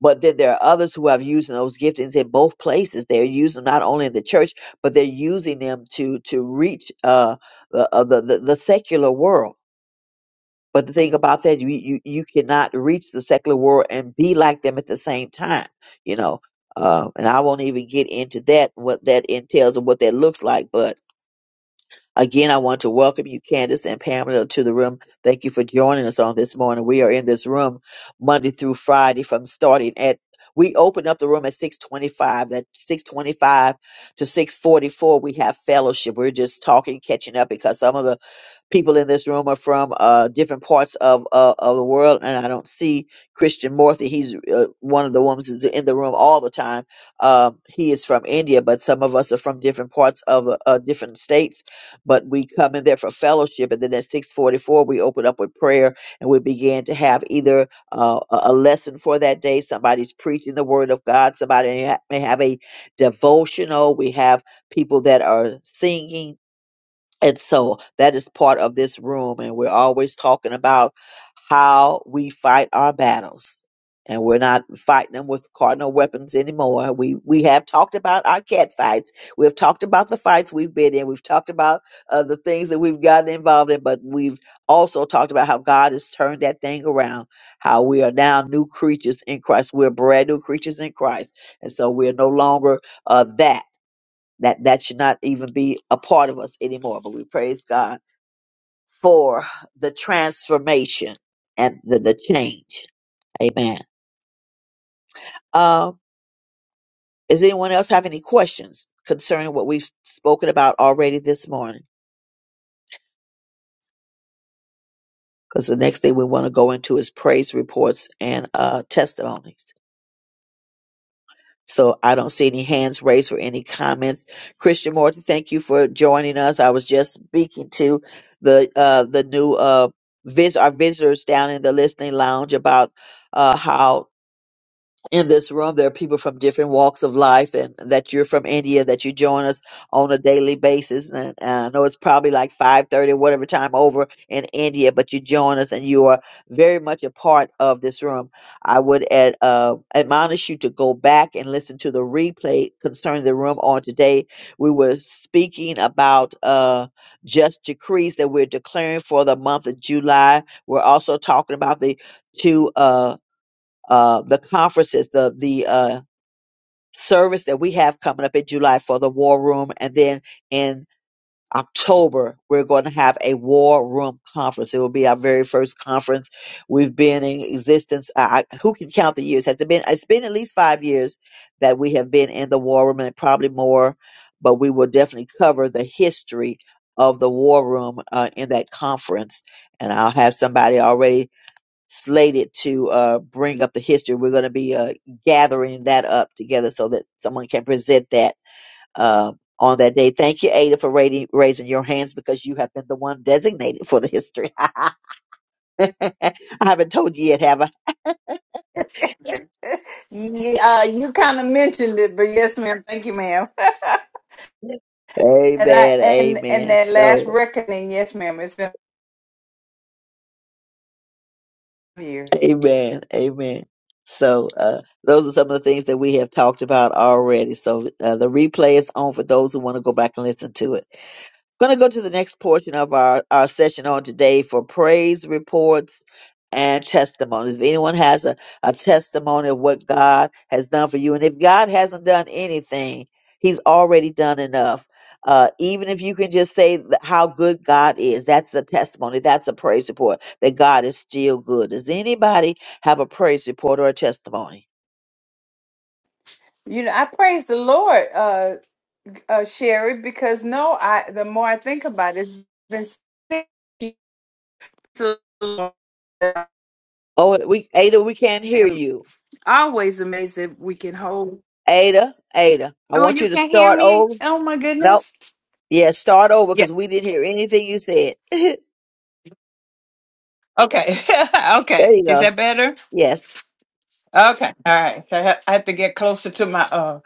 Speaker 4: But then there are others who have using those giftings in both places. They're using them not only in the church, but they're using them to to reach uh, the, uh, the the the secular world. But the thing about that, you, you you cannot reach the secular world and be like them at the same time. You know, uh, and I won't even get into that what that entails and what that looks like. But Again, I want to welcome you, Candace and Pamela, to the room. Thank you for joining us on this morning. We are in this room Monday through Friday from starting at we open up the room at 625. That 625 to 644, we have fellowship. We're just talking, catching up because some of the people in this room are from uh, different parts of uh, of the world, and I don't see Christian Morthy. He's uh, one of the ones that's in the room all the time. Um, he is from India, but some of us are from different parts of uh, uh, different states. But we come in there for fellowship, and then at six forty four we open up with prayer, and we begin to have either uh, a a lesson for that day. Somebody's preaching the Word of God. Somebody ha- may have a devotional. We have people that are singing and so that is part of this room. And we're always talking about how we fight our battles. And we're not fighting them with cardinal weapons anymore. We we have talked about our cat fights. We've talked about the fights we've been in. We've talked about uh, the things that we've gotten involved in. But we've also talked about how God has turned that thing around. How we are now new creatures in Christ. We're brand new creatures in Christ, and so we're no longer uh, that that that should not even be a part of us anymore. But we praise God for the transformation and the, the change. Amen. Um, does anyone else have any questions concerning what we've spoken about already this morning? Because the next thing we want to go into is praise reports and uh, testimonies. So I don't see any hands raised or any comments. Christian Morton, thank you for joining us. I was just speaking to the uh, the new uh, vis- our visitors down in the listening lounge about uh, how in this room. There are people from different walks of life, and that you're from India, that you join us on a daily basis. And uh, I know it's probably like five thirty, whatever time over in India, but you join us, and you are very much a part of this room. I would ad, uh, admonish you to go back and listen to the replay concerning the room on today. We were speaking about uh, just decrees that we're declaring for the month of July. We're also talking about the two. Uh, uh, the conferences, the the uh, service that we have coming up in July for the War Room, and then in October we're going to have a War Room conference. It will be our very first conference. We've been in existence. I, I- who can count the years? Has it been? It's been at least five years that we have been in the War Room, and probably more. But we will definitely cover the history of the War Room uh, in that conference, and I'll have somebody already slated to uh, bring up the history. We're going to be uh, gathering that up together so that someone can present that uh, on that day. Thank you, Ada, for rating, raising your hands because you have been the one designated for the history. I haven't told you yet, have I?
Speaker 1: yeah, uh, you kind of mentioned it, but yes, ma'am. Thank you, ma'am. and I
Speaker 4: Amen.
Speaker 1: and and
Speaker 4: Amen.
Speaker 1: that last
Speaker 4: So,
Speaker 1: reckoning, yes, ma'am. It's been years.
Speaker 4: amen. Amen. So, uh, those are some of the things that we have talked about already. So, uh, the replay is on for those who want to go back and listen to it. going to go to the next portion of our, our session on today for praise reports and testimonies. If anyone has a, a testimony of what God has done for you, and if God hasn't done anything, He's already done enough. Uh, even if you can just say th- how good God is, that's a testimony. That's a praise report that God is still good. Does anybody have a praise report or a testimony?
Speaker 1: You know, I praise the Lord. Uh uh, Sherry, because no, I the more I think about it, it's been six years alone.
Speaker 4: Oh, we Ada, we can't hear
Speaker 1: I'm
Speaker 4: you.
Speaker 1: always amazed that we can hold.
Speaker 4: Ada, Ada, I
Speaker 1: Oh,
Speaker 4: want
Speaker 1: you
Speaker 4: you to
Speaker 1: can't hear
Speaker 4: start
Speaker 1: me?
Speaker 4: over.
Speaker 1: Oh my
Speaker 4: No.
Speaker 1: goodness!
Speaker 4: Yeah, start over
Speaker 1: Yeah.
Speaker 4: because we didn't hear anything you said. there
Speaker 1: Okay. okay.
Speaker 4: you
Speaker 1: Is
Speaker 4: go.
Speaker 1: that better?
Speaker 4: Yes.
Speaker 1: Okay. All right. I ha- I have to get closer to my uh.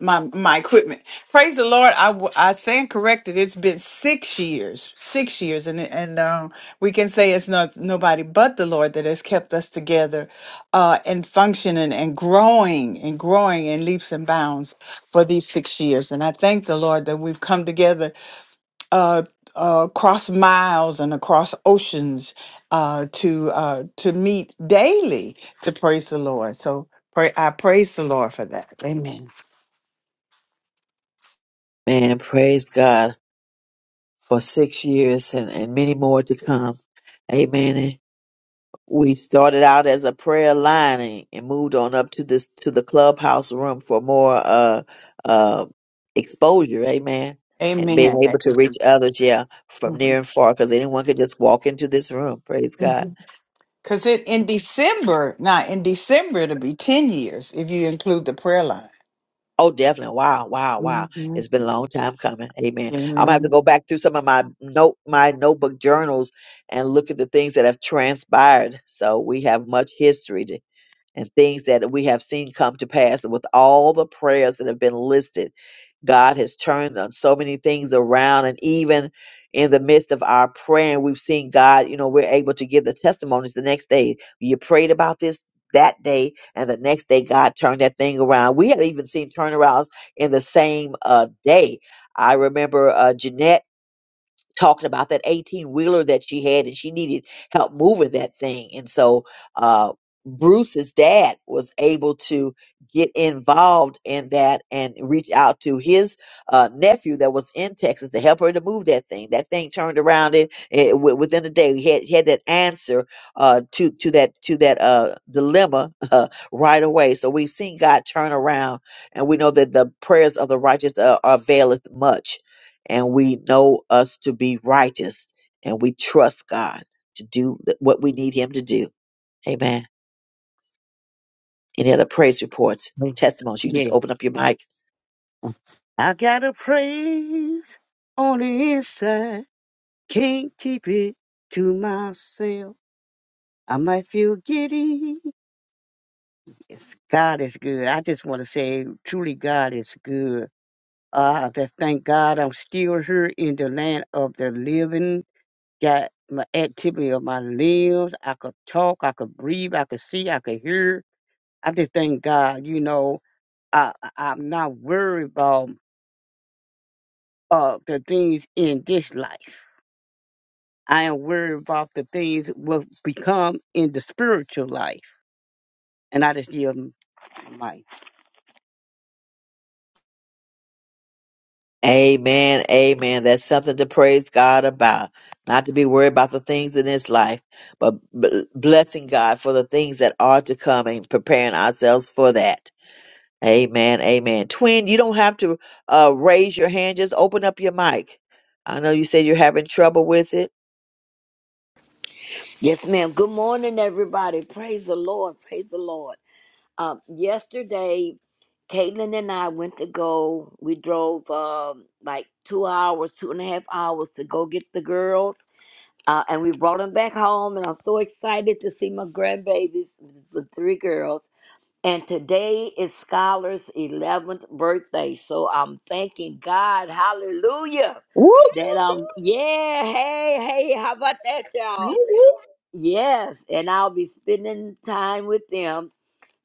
Speaker 1: my my equipment. Praise the Lord. I w- I stand corrected. It's been six years, six years, and and um, we can say it's not nobody but the Lord that has kept us together, uh, and functioning and growing and growing in leaps and bounds for these six years. And I thank the Lord that we've come together, uh, uh, across miles and across oceans, uh, to uh to meet daily to praise the Lord. So pray. I praise the Lord for that. Amen.
Speaker 4: Man, praise God for six years and, and many more to come. Amen. And we started out as a prayer line and, and moved on up to this to the clubhouse room for more uh uh exposure. Amen. And being
Speaker 1: Amen.
Speaker 4: able to reach others, yeah, from near and far, because anyone could just walk into this room. Praise God.
Speaker 1: Because it in December, now in December, it'll be 10 years if you include the prayer line.
Speaker 4: Oh, definitely. Wow, wow, wow.
Speaker 1: hmm
Speaker 4: It's been a long time coming. Amen. I'm gonna have to
Speaker 1: Amen.
Speaker 4: go back through some of my note my notebook journals and look at the things that have transpired. So we have much history and things that we have seen come to pass with all the prayers that have been listed. God has turned on so many things around, and even in the midst of our praying, we've seen God, you know, we're able to give the testimonies the next day. You prayed about this that day, and the next day, God turned that thing around. We have even seen turnarounds in the same uh, day. I remember uh, Jeanette talking about that 18 wheeler that she had and she needed help moving that thing. And so, uh, Bruce's dad was able to get involved in that and reach out to his uh, nephew that was in Texas to help her to move that thing. That thing turned around in, eh, wi- within a day. We had had that answer uh, to to that to that uh, dilemma uh, right away. So we've seen God turn around, and we know that the prayers of the righteous uh, availeth much and we know us to be righteous and we trust God to do th- what we need Him to do. Amen. Any other praise reports,
Speaker 9: Mm.
Speaker 4: testimonies? You just
Speaker 9: Yeah.
Speaker 4: open up your mic.
Speaker 9: I got a praise on the inside. Can't keep it to myself. I might feel giddy It's, God is good. I just want to say, truly, God is good. Uh, I just thank God I'm still here in the land of the living. Got my activity of my limbs. I could talk. I could breathe. I could see. I could hear. I just thank God. You know, I, I- I'm not worried about uh, the things in this life. I am worried about the things will become in the spiritual life. And I just give them my
Speaker 4: Amen. Amen. That's something to praise God about. Not to be worried about the things in this life, but b- blessing God for the things that are to come and preparing ourselves for that. Amen. Amen. Twin, you don't have to uh, raise your hand. Just open up your mic. I know you said you're having trouble with it.
Speaker 5: Yes, ma'am. Good morning, everybody. Praise the Lord. Praise the Lord. Um, yesterday, Caitlin and I went to go. We drove um, like two hours, two and a half hours to go get the girls, uh, and we brought them back home. And I'm so excited to see my grandbabies, the three girls. And today is Scholar's 11th birthday. So I'm thanking God. Hallelujah.
Speaker 4: Woo!
Speaker 5: That, um, yeah, hey, hey, how about that, y'all?
Speaker 10: woo
Speaker 5: Yes. And I'll be spending time with them.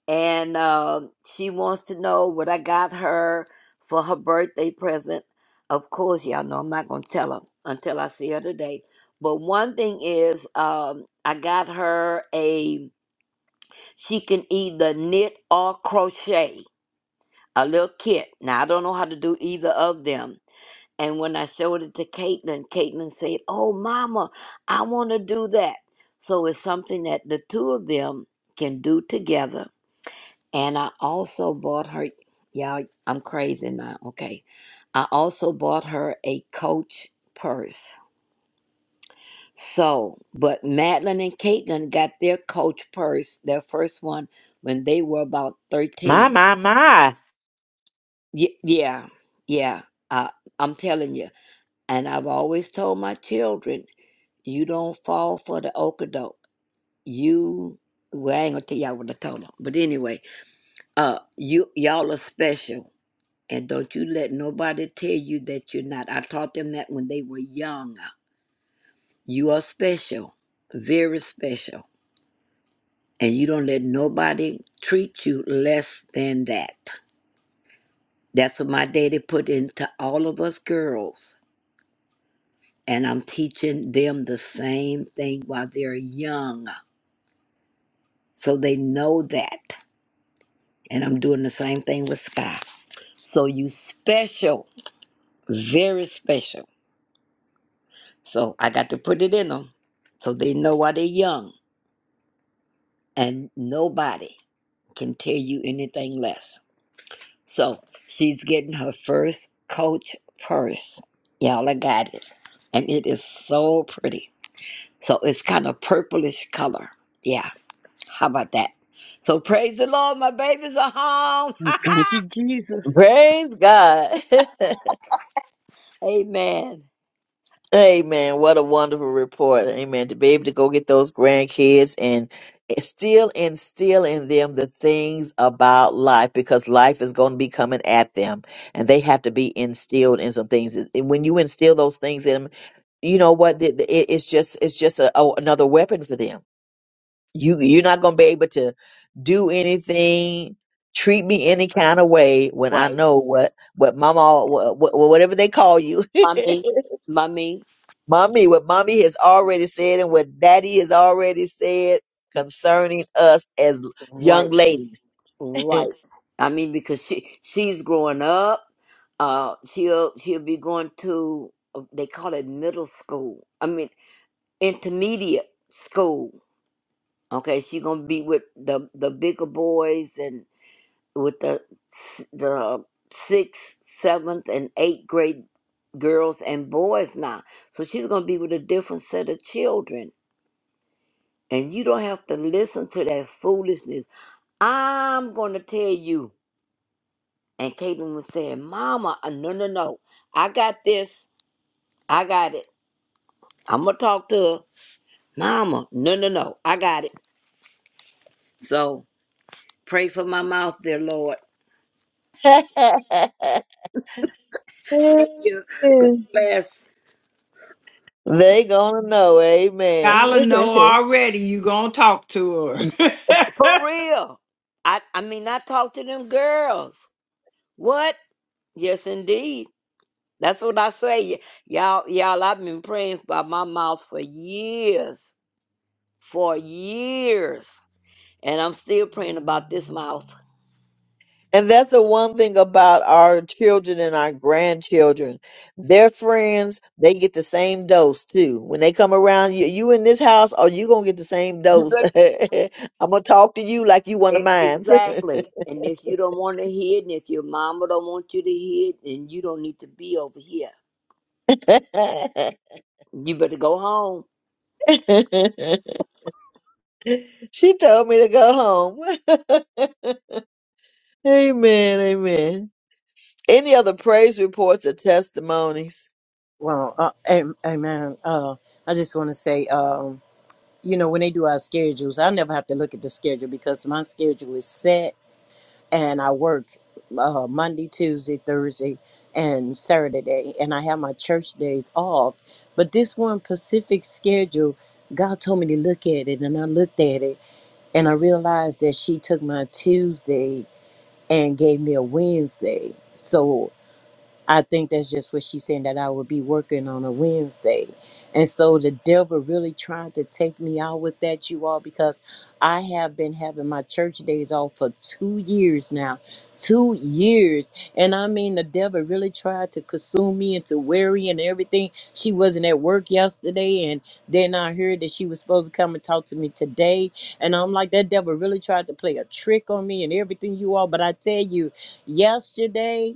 Speaker 5: And um she wants to know what I got her for her birthday present. Of course, y'all know I'm not going to tell her until I see her today. But one thing is, um, I got her a, she can either knit or crochet a little kit. Now I don't know how to do either of them. And when I showed it to Caitlin, Caitlin said, "Oh, Mama, I want to do that." So it's something that the two of them can do together. And I also bought her. Y'all, I'm crazy now. Okay, I also bought her a Coach purse. So, but Madeline and Caitlin got their Coach purse, their first one, when they were about
Speaker 4: My,
Speaker 5: thirteen.
Speaker 4: my, my.
Speaker 5: Y- yeah, yeah. I, I'm telling you. And I've always told my children, you don't fall for the okadoke. You, well, I ain't gonna tell y'all what I told them. But anyway, uh, you y'all are special, and don't you let nobody tell you that you're not. I taught them that when they were young. You are special, very special, and you don't let nobody treat you less than that. That's what my daddy put into all of us girls. And I'm teaching them the same thing while they're young So they know that. And I'm doing the same thing with Sky. So you special, very special. So I got to put it in them so they know why they're young. And nobody can tell you anything less. So she's getting her first coach purse. Y'all, I got it. And it is so pretty. So it's kind of purplish color. Yeah, how about that? So praise the Lord, my babies are home.
Speaker 9: Thank you, Jesus.
Speaker 4: Praise God.
Speaker 5: Amen.
Speaker 4: Amen. What a wonderful report. Amen. To be able to go get those grandkids and still instill in them the things about life because life is going to be coming at them and they have to be instilled in some things. And when you instill those things in them, you know what? the- the- it- It's just, it's just a, a- another weapon for them You you're not gonna be able to do anything, treat me any kind of way when I
Speaker 5: Right.
Speaker 4: know what what mama what, what, whatever they call you,
Speaker 5: Mummy, mummy,
Speaker 4: mommy what mommy has already said and what daddy has already said concerning us as young
Speaker 5: right,
Speaker 4: ladies.
Speaker 5: right. I mean, because she she's growing up. Uh, she'll she'll be going to uh, they call it middle school. I mean, intermediate school. Okay, she's gonna be with the the bigger boys and with the s- the sixth, seventh, and eighth grade girls and boys now. So she's gonna be with a different set of children, and you don't have to listen to that foolishness I'm going to tell you. And Caitlin was saying, Mama, uh, no, no, no. I got this. I got it. I'm going to talk to her. Mama, no, no, no. I got it. So pray for my mouth, dear Lord. Thank you. God bless.
Speaker 4: they gonna know,
Speaker 1: Skylar
Speaker 4: amen.
Speaker 1: know already you gonna talk to her.
Speaker 5: For real. I, I mean, I talk to them girls. What? Yes, indeed. That's what I say. Y- Y'all, y'all, I've been praying by my mouth for years. For years. And I'm still praying about this mouth.
Speaker 4: And that's the one thing about our children and our grandchildren. Their friends, they get the same dose too. When they come around, you, you in this house, oh, you gonna get the same
Speaker 5: You
Speaker 4: dose.
Speaker 5: bet.
Speaker 4: I'm gonna talk to you like you one of
Speaker 5: E-
Speaker 4: mine.
Speaker 5: Exactly. And if you don't want to hear it, and if your mama don't want you to hear it, then you don't need to be over here. You better go home.
Speaker 4: she told me to go home. amen, amen. Any other praise reports or testimonies?
Speaker 8: Well, uh, am- amen. Uh, I just want to say, um, you know, when they do our schedules, I never have to look at the schedule because my schedule is set and I work uh, Monday, Tuesday, Thursday, and Saturday. And I have my church days off. But this one Pacific schedule, God told me to look at it. And I looked at it and I realized that she took my Tuesday and gave me a Wednesday. So I think that's just what she's saying that I would be working on a Wednesday. And so the devil really trying to take me out with that, you all, because I have been having my church days off for two years now. Two years. And I mean, the devil really tried to consume me and to worry and everything. She wasn't at work yesterday. And then I heard that she was supposed to come and talk to me today. And I'm like, that devil really tried to play a trick on me and everything, you all. But I tell you, yesterday,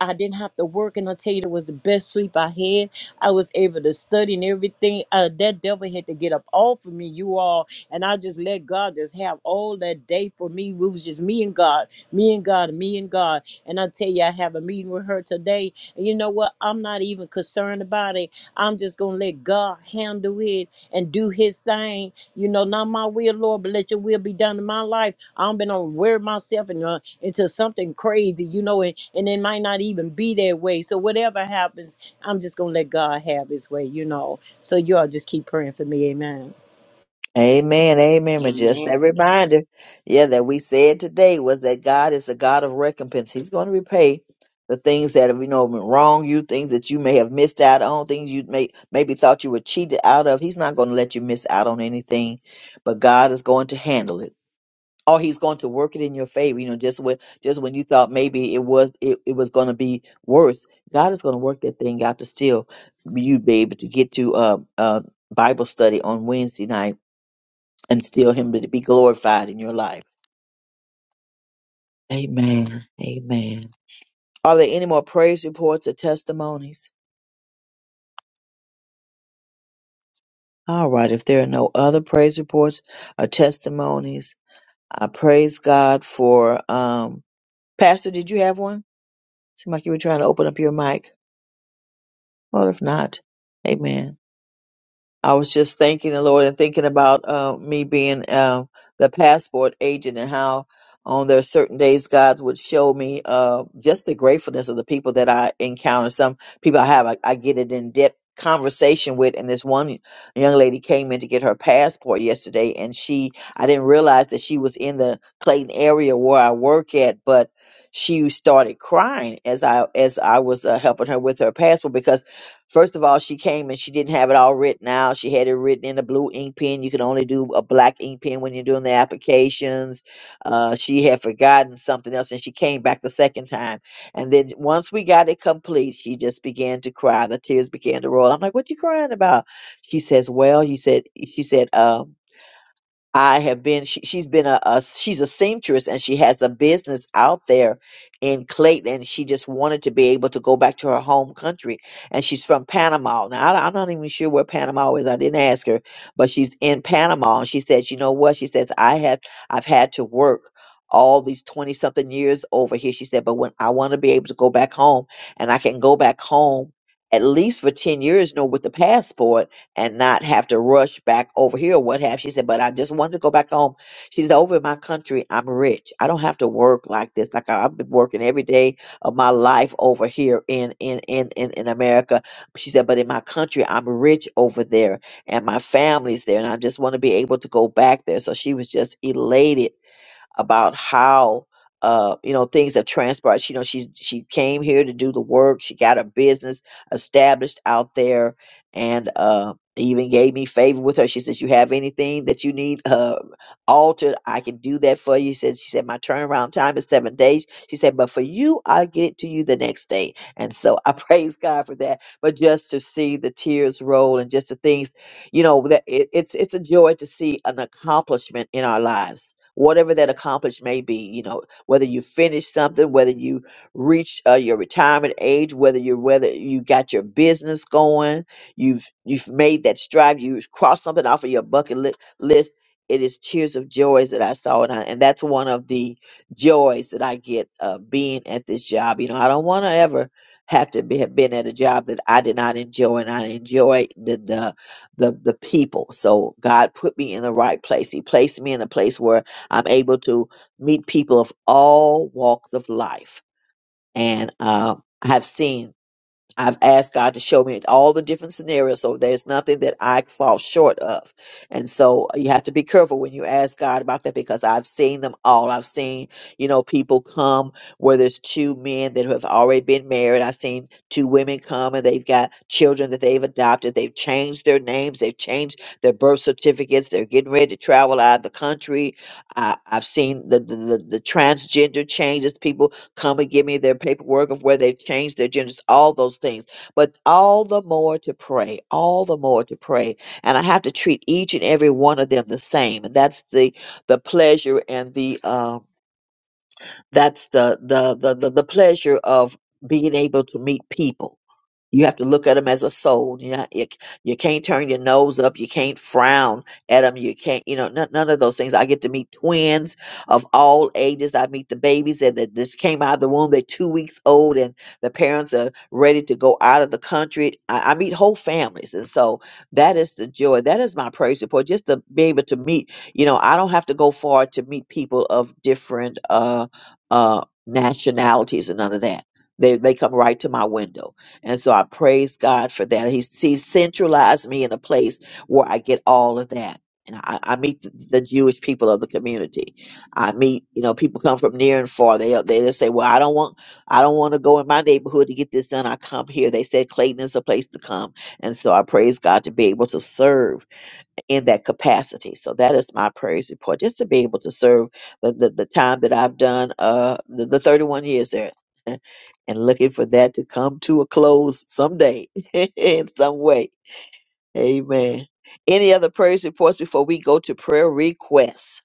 Speaker 8: I didn't have to work, and I tell you, it was the best sleep I had. I was able to study and everything. Uh, that devil had to get up off of me, you all, and I just let God just have all that day for me. It was just me and God, me and God, me and God. And I tell you, I have a meeting with her today. And you know what? I'm not even concerned about it. I'm just going to let God handle it and do his thing. You know, not my will, Lord, but let your will be done in my life. I'm been on wear myself and, uh, into something crazy, you know, and, and it might not even be that way. So whatever happens, I'm just going to let God have his way, you know. So you all just keep praying for me. Amen.
Speaker 4: Amen, amen. And just that
Speaker 5: Amen.
Speaker 4: reminder, yeah, that we said today was that God is a God of recompense. He's going to repay the things that have you know wrong you, things that you may have missed out on, things you may maybe thought you were cheated out of. He's not going to let you miss out on anything, but God is going to handle it. Or he's going to work it in your favor. You know, just when just when you thought maybe it was it, it was going to be worse, God is going to work that thing out to still you'd be able to get to uh, uh, Bible study on Wednesday night and still Him to be glorified in your life. Amen. Amen. Are there any more praise reports or testimonies? All right, if there are no other praise reports or testimonies, I praise God for um Pastor, did you have one? Seemed like you were trying to open up your mic. Well, if not, amen. I was just thanking the Lord and thinking about uh, me being uh, the passport agent and how on there are certain days God would show me uh, just the gratefulness of the people that I encounter. Some people I have, I, I get an in depth conversation with, and this one young lady came in to get her passport yesterday, and she, I didn't realize that she was in the Clayton area where I work at, but she started crying as I as I was uh, helping her with her passport because First of all, she came and she didn't have it all written out. She had it written in a blue ink pen. You can only do a black ink pen when you're doing the applications. Uh, she had forgotten something else and she came back the second time. And then once we got it complete, she just began to cry. The tears began to roll. I'm like, what you crying about? She says, well, he said, she said, um, I have been. She, she's been a, a. She's a seamstress, and she has a business out there in Clayton. And she just wanted to be able to go back to her home country, and she's from Panama. Now I, am not even sure where Panama is. I didn't ask her, but she's in Panama. And she says, "You know what?" She says, "I have. I've had to work." all these 20 something years over here she said but when i want to be able to go back home and i can go back home at least for 10 years no with the passport and not have to rush back over here or what have. She said, but I just wanted to go back home. She said, over in my country, I'm rich. I don't have to work like this. Like I, I've been working every day of my life over here in, in, in, in, in America. She said, but in my country, I'm rich over there and my family's there. And I just want to be able to go back there. So she was just elated about how uh, you know things have transpired. She, you know, she's she came here to do the work. She got her business established out there, and uh, even gave me favor with her. She says, "You have anything that you need uh, altered? I can do that for you." said, "She said my turnaround time is seven days." She said, "But for you, I'll get it to you the next day." And so I praise God for that. But just to see the tears roll and just the things you know that it, it's it's a joy to see an accomplishment in our lives whatever that accomplishment may be you know whether you finish something whether you reach uh, your retirement age whether you whether you got your business going you've you've made that strive, you've crossed something off of your bucket li- list it is tears of joys that I saw, and, I, and that's one of the joys that I get uh, being at this job. You know, I don't want to ever have to be, have been at a job that I did not enjoy, and I enjoy the, the the the people. So God put me in the right place. He placed me in a place where I'm able to meet people of all walks of life, and uh, I have seen. I've asked God to show me all the different scenarios, so there's nothing that I fall short of. And so you have to be careful when you ask God about that because I've seen them all. I've seen, you know, people come where there's two men that have already been married. I've seen two women come and they've got children that they've adopted. They've changed their names, they've changed their birth certificates. They're getting ready to travel out of the country. I, I've seen the, the, the, the transgender changes. People come and give me their paperwork of where they've changed their genders, all those things. But all the more to pray, all the more to pray. And I have to treat each and every one of them the same. And that's the the pleasure and the um that's the the the the, the pleasure of being able to meet people you have to look at them as a soul. You, know, you, you can't turn your nose up. You can't frown at them. You can't, you know, none, none of those things. I get to meet twins of all ages. I meet the babies that, that just came out of the womb. They're two weeks old and the parents are ready to go out of the country. I, I meet whole families. And so that is the joy. That is my praise support. Just to be able to meet, you know, I don't have to go far to meet people of different uh, uh, nationalities and none of that. They, they come right to my window and so I praise God for that. He's, he's centralized me in a place where I get all of that. And I, I meet the, the Jewish people of the community. I meet, you know, people come from near and far. They they just say, "Well, I don't want, I don't want to go in my neighborhood to get this done. I come here." They said Clayton is a place to come, and so I praise God to be able to serve in that capacity. So that is my praise report, just to be able to serve the, the, the time that I've done, uh, the, the 31 years there, and looking for that to come to a close someday in some way. Amen. Any other praise reports before we go to prayer requests?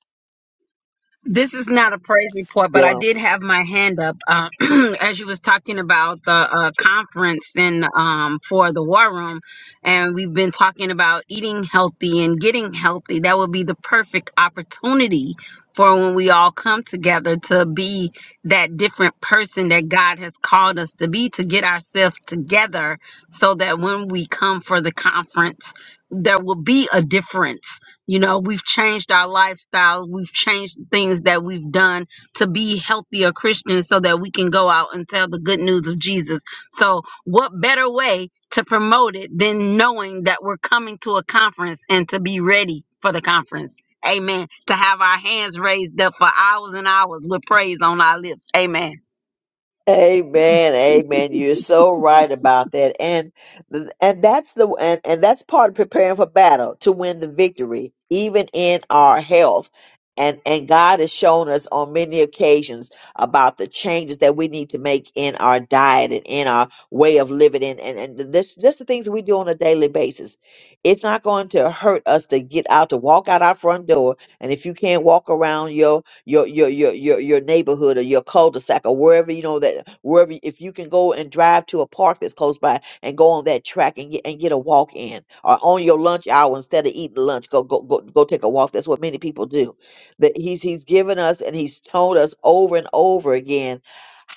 Speaker 11: This is not a praise report, but I did have my hand up uh, as you was talking about the uh, conference and um, for the war room, and we've been talking about eating healthy and getting healthy. That would be the perfect opportunity for when we all come together to be that different person that God has called us to be, to get ourselves together, so that when we come for the conference, there will be a difference you know, we've changed our lifestyle. We've changed the things that we've done to be healthier Christians so that we can go out and tell the good news of Jesus. So, what better way to promote it than knowing that we're coming to a conference and to be ready for the conference? Amen. To have our hands raised up for hours and hours with praise on our lips. Amen.
Speaker 4: Amen, amen. You're so right about that, and and that's the and, and that's part of preparing for battle to win the victory, even in our health. And and God has shown us on many occasions about the changes that we need to make in our diet and in our way of living, and and, and this just the things that we do on a daily basis. It's not going to hurt us to get out to walk out our front door, and if you can't walk around your your your your your your neighborhood or your cul-de-sac or wherever you know that wherever if you can go and drive to a park that's close by and go on that track and get and get a walk in or on your lunch hour instead of eating lunch go go go, go take a walk that's what many people do that he's he's given us and he's told us over and over again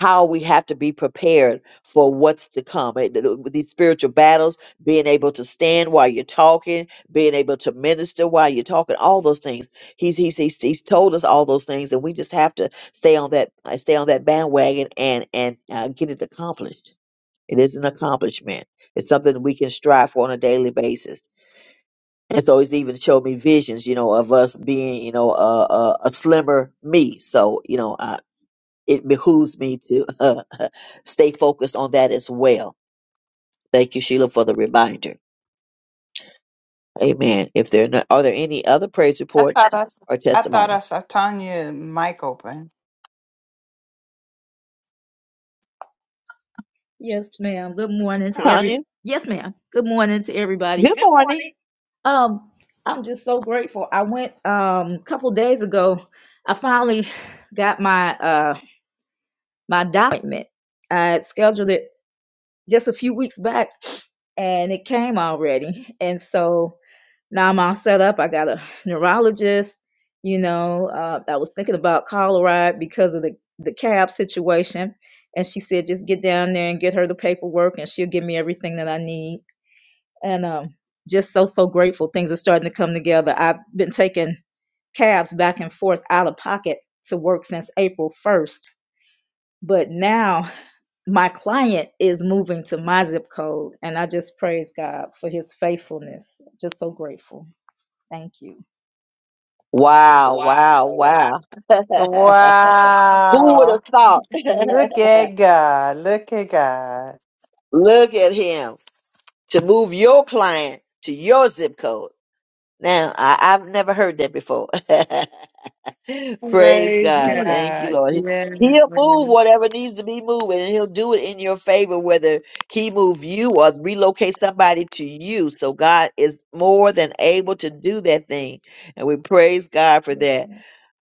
Speaker 4: how we have to be prepared for what's to come. Eh, th- th- with These spiritual battles, being able to stand while you're talking, being able to minister while you're talking, all those things He's he's he's he's told us all those things, and we just have to stay on that uh, stay on that bandwagon and and uh, get it accomplished. It is an accomplishment. It's something that we can strive for on a daily basis. And so he's even showed me visions, you know, of us being, you know, a a, a slimmer me. So you know, uh, it behooves me to uh, stay focused on that as well. Thank you, Sheila, for the reminder. Amen. If there are, no, are there any other praise
Speaker 1: I thought
Speaker 4: reports
Speaker 1: I, s-
Speaker 4: or
Speaker 1: I thought I
Speaker 4: testimonies,
Speaker 1: saw Tanya mic open.
Speaker 10: Yes, ma'am. Good morning to every.
Speaker 4: Tanya?
Speaker 10: Morning. Yes, ma'am. Good morning to everybody. Good
Speaker 4: Good morning.
Speaker 10: morning. Um, I'm just so grateful. I went um a couple days ago. I finally got my uh my document. I had scheduled it just a few weeks back, and it came already. And so Now I'm all set up. I got a neurologist, you know. Uh, I was thinking about Colorado because of the, the cab situation. And she said, just get down there and get her the paperwork, and she'll give me everything that I need. And um, just so, so grateful. Things are starting to come together. I've been taking cabs back and forth out of pocket to work since April 1st. But now my client is moving to my zip code, and I just praise God for his faithfulness. Just so grateful. Thank you.
Speaker 4: Wow,
Speaker 10: Wow,
Speaker 4: wow,
Speaker 10: wow.
Speaker 4: wow. Who would
Speaker 1: Wow.
Speaker 4: have thought?
Speaker 1: Look at God. Look at God.
Speaker 4: Look at him to move your client to your zip code. Now, I, I've never heard that before. Praise
Speaker 1: Praise
Speaker 4: God.
Speaker 10: Mhm.
Speaker 4: Thank you,
Speaker 1: God.
Speaker 4: Lord. He- He'll move
Speaker 1: Yeah.
Speaker 4: whatever needs to be moved, and he'll do it in your favor, whether he move you or relocate somebody to you. So God is more than able to do that thing. And we praise God for that.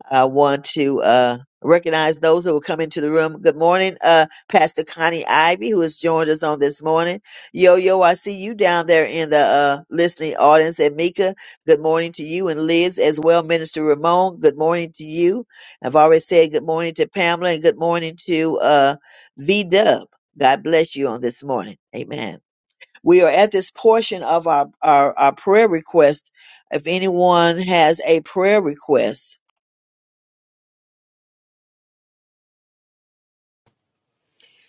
Speaker 4: I want to uh, recognize those who will come into the room. Good morning, uh, Pastor Connie Ivy, who has joined us on this morning. Yo, yo, I see you down there in the uh, listening audience. And Mika, good morning to you. And Liz as well, Minister Ramon, good morning to you. I've already said good morning to Pamela and good morning to uh, V Dub. God bless you on this morning. Amen. We are at this portion of our, our, our prayer request. If anyone has a prayer request,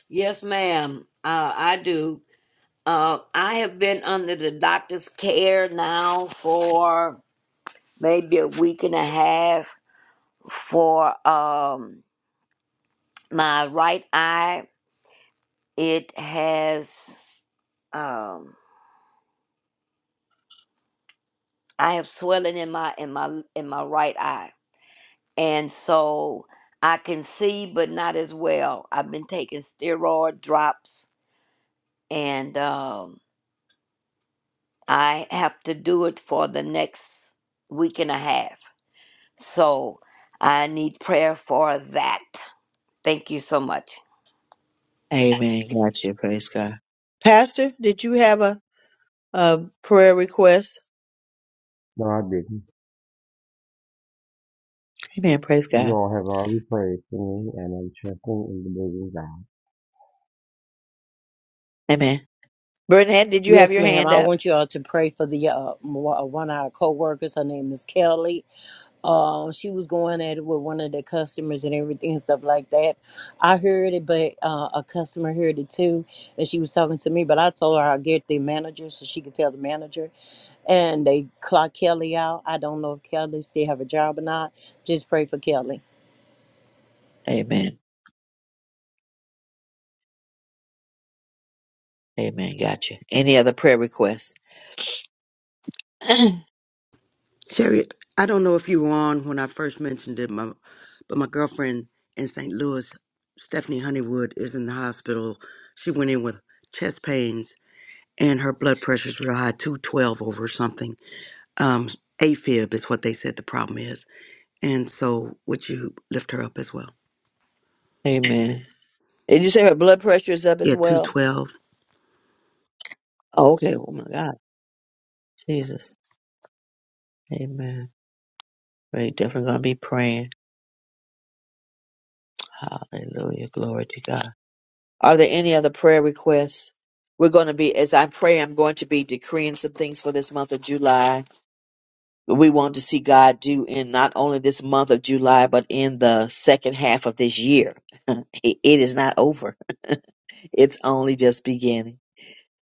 Speaker 5: Yes, ma'am. Uh, I do. Uh, I have been under the doctor's care now for maybe a week and a half for um, my right eye. It has um, I have swelling in my in my in my right eye and so I can see, but not as well. I've been taking steroid drops, and um, I have to do it for the next week and a half. So I need prayer for that. Thank you so much.
Speaker 4: Amen. Gotcha. Praise God. Pastor, did you have a, a prayer request?
Speaker 12: No, I didn't.
Speaker 4: Amen. Praise
Speaker 12: You
Speaker 4: God.
Speaker 12: all have already prayed for me, and I'm trusting in the living God.
Speaker 4: Amen. Bernadette, did you have
Speaker 8: Yes,
Speaker 4: your
Speaker 8: ma'am.
Speaker 4: hand
Speaker 8: I
Speaker 4: up?
Speaker 8: want you all to pray for the uh, mo- uh, one of our co-workers. Her name is Kelly. Uh, she was going at it with one of the customers and everything and stuff like that. I heard it, but uh, a customer heard it too, and she was talking to me. But I told her I'll get the manager so she could tell the manager. And they clocked Kelly out. I don't know if Kelly still have a job or not. Just pray for Kelly.
Speaker 4: Amen. Amen. Gotcha. Any other prayer requests?
Speaker 3: Sherry, I don't know if you were on when I first mentioned it, my, but my girlfriend in St. Louis, Stephanie Honeywood, is in the hospital. She went in with chest pains and her blood pressures were high, 212 over something. Um, AFib is what they said the problem is. And so, would you lift her up as well?
Speaker 4: Amen. Did you say her blood pressure is up as
Speaker 3: Yeah,
Speaker 4: well?
Speaker 3: 212.
Speaker 4: Oh, okay. Oh my God. Jesus. Amen. We're definitely going to be praying. Hallelujah. Glory to God. Are there any other prayer requests? We're going to be, as I pray, I'm going to be decreeing some things for this month of July. we want to see God do in not only this month of July, but in the second half of this year. it it is not over. It's only just beginning.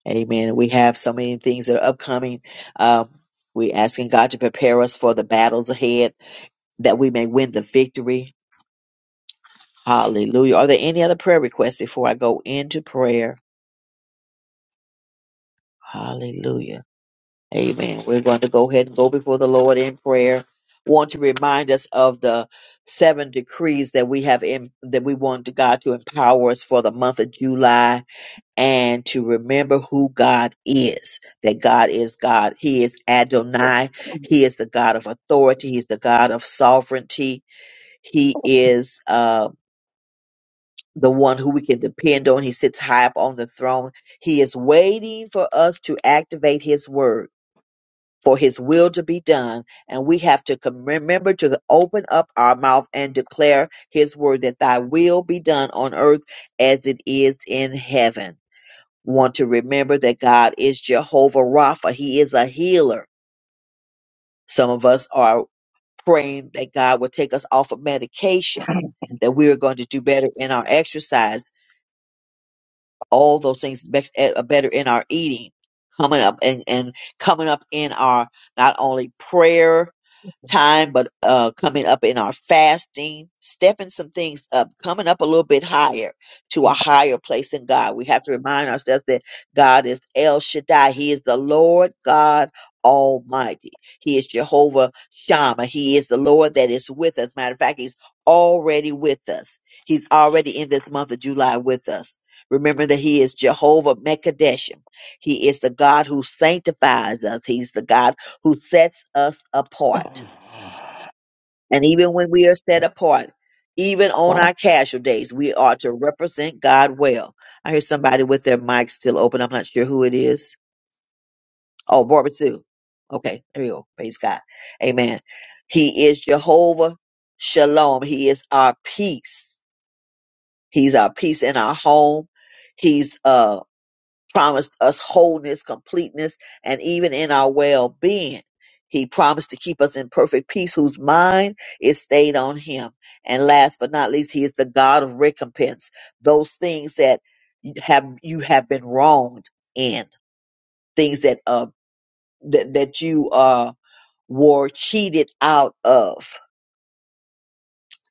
Speaker 4: Amen. We have so many things that are upcoming. Um, we asking God to prepare us for the battles ahead that we may win the victory. Hallelujah. Are there any other prayer requests before I go into prayer? Hallelujah. Amen. We're going to go ahead and go before the Lord in prayer. Want to remind us of the seven decrees that we have in that we want God to empower us for the month of July and to remember who God is. That God is God. He is Adonai. He is the God of authority. He's the God of sovereignty. He is uh the one who we can depend on. He sits high up on the throne. He is waiting for us to activate his word for his will to be done. And we have to com- remember to open up our mouth and declare his word that thy will be done on earth as it is in heaven. Want to remember that God is Jehovah Rapha. He is a healer. Some of us are praying that God will take us off of medication, that we are going to do better in our exercise, all those things bet- eh, uh, better in our eating, coming up and, and coming up in our not only prayer time, but uh, coming up in our fasting, stepping some things up, coming up a little bit higher to a higher place in God. We have to remind ourselves that God is El Shaddai. He is the Lord God Almighty. He is Jehovah Shammah. He is the Lord that is with us. Matter of fact, He's already with us. He's already in this month of July with us. Remember that He is Jehovah Mekadeshim. He is the God who sanctifies us. He's the God who sets us apart. And even when we are set apart, even on
Speaker 13: Amen.
Speaker 4: our casual days, we are to represent God well. I hear somebody with their mic still open. I'm not sure who it is. Oh, Barbara too. Okay, there you go. Praise God. Amen. He is Jehovah Shalom. He is our peace. He's our peace in our home. He's um promised us wholeness, completeness, and even in our well being. He promised to keep us in perfect peace, whose mind is stayed on him. And last but not least, he is the God of recompense. Those things that you have you have been wronged in, things that uh that, that you uh were cheated out of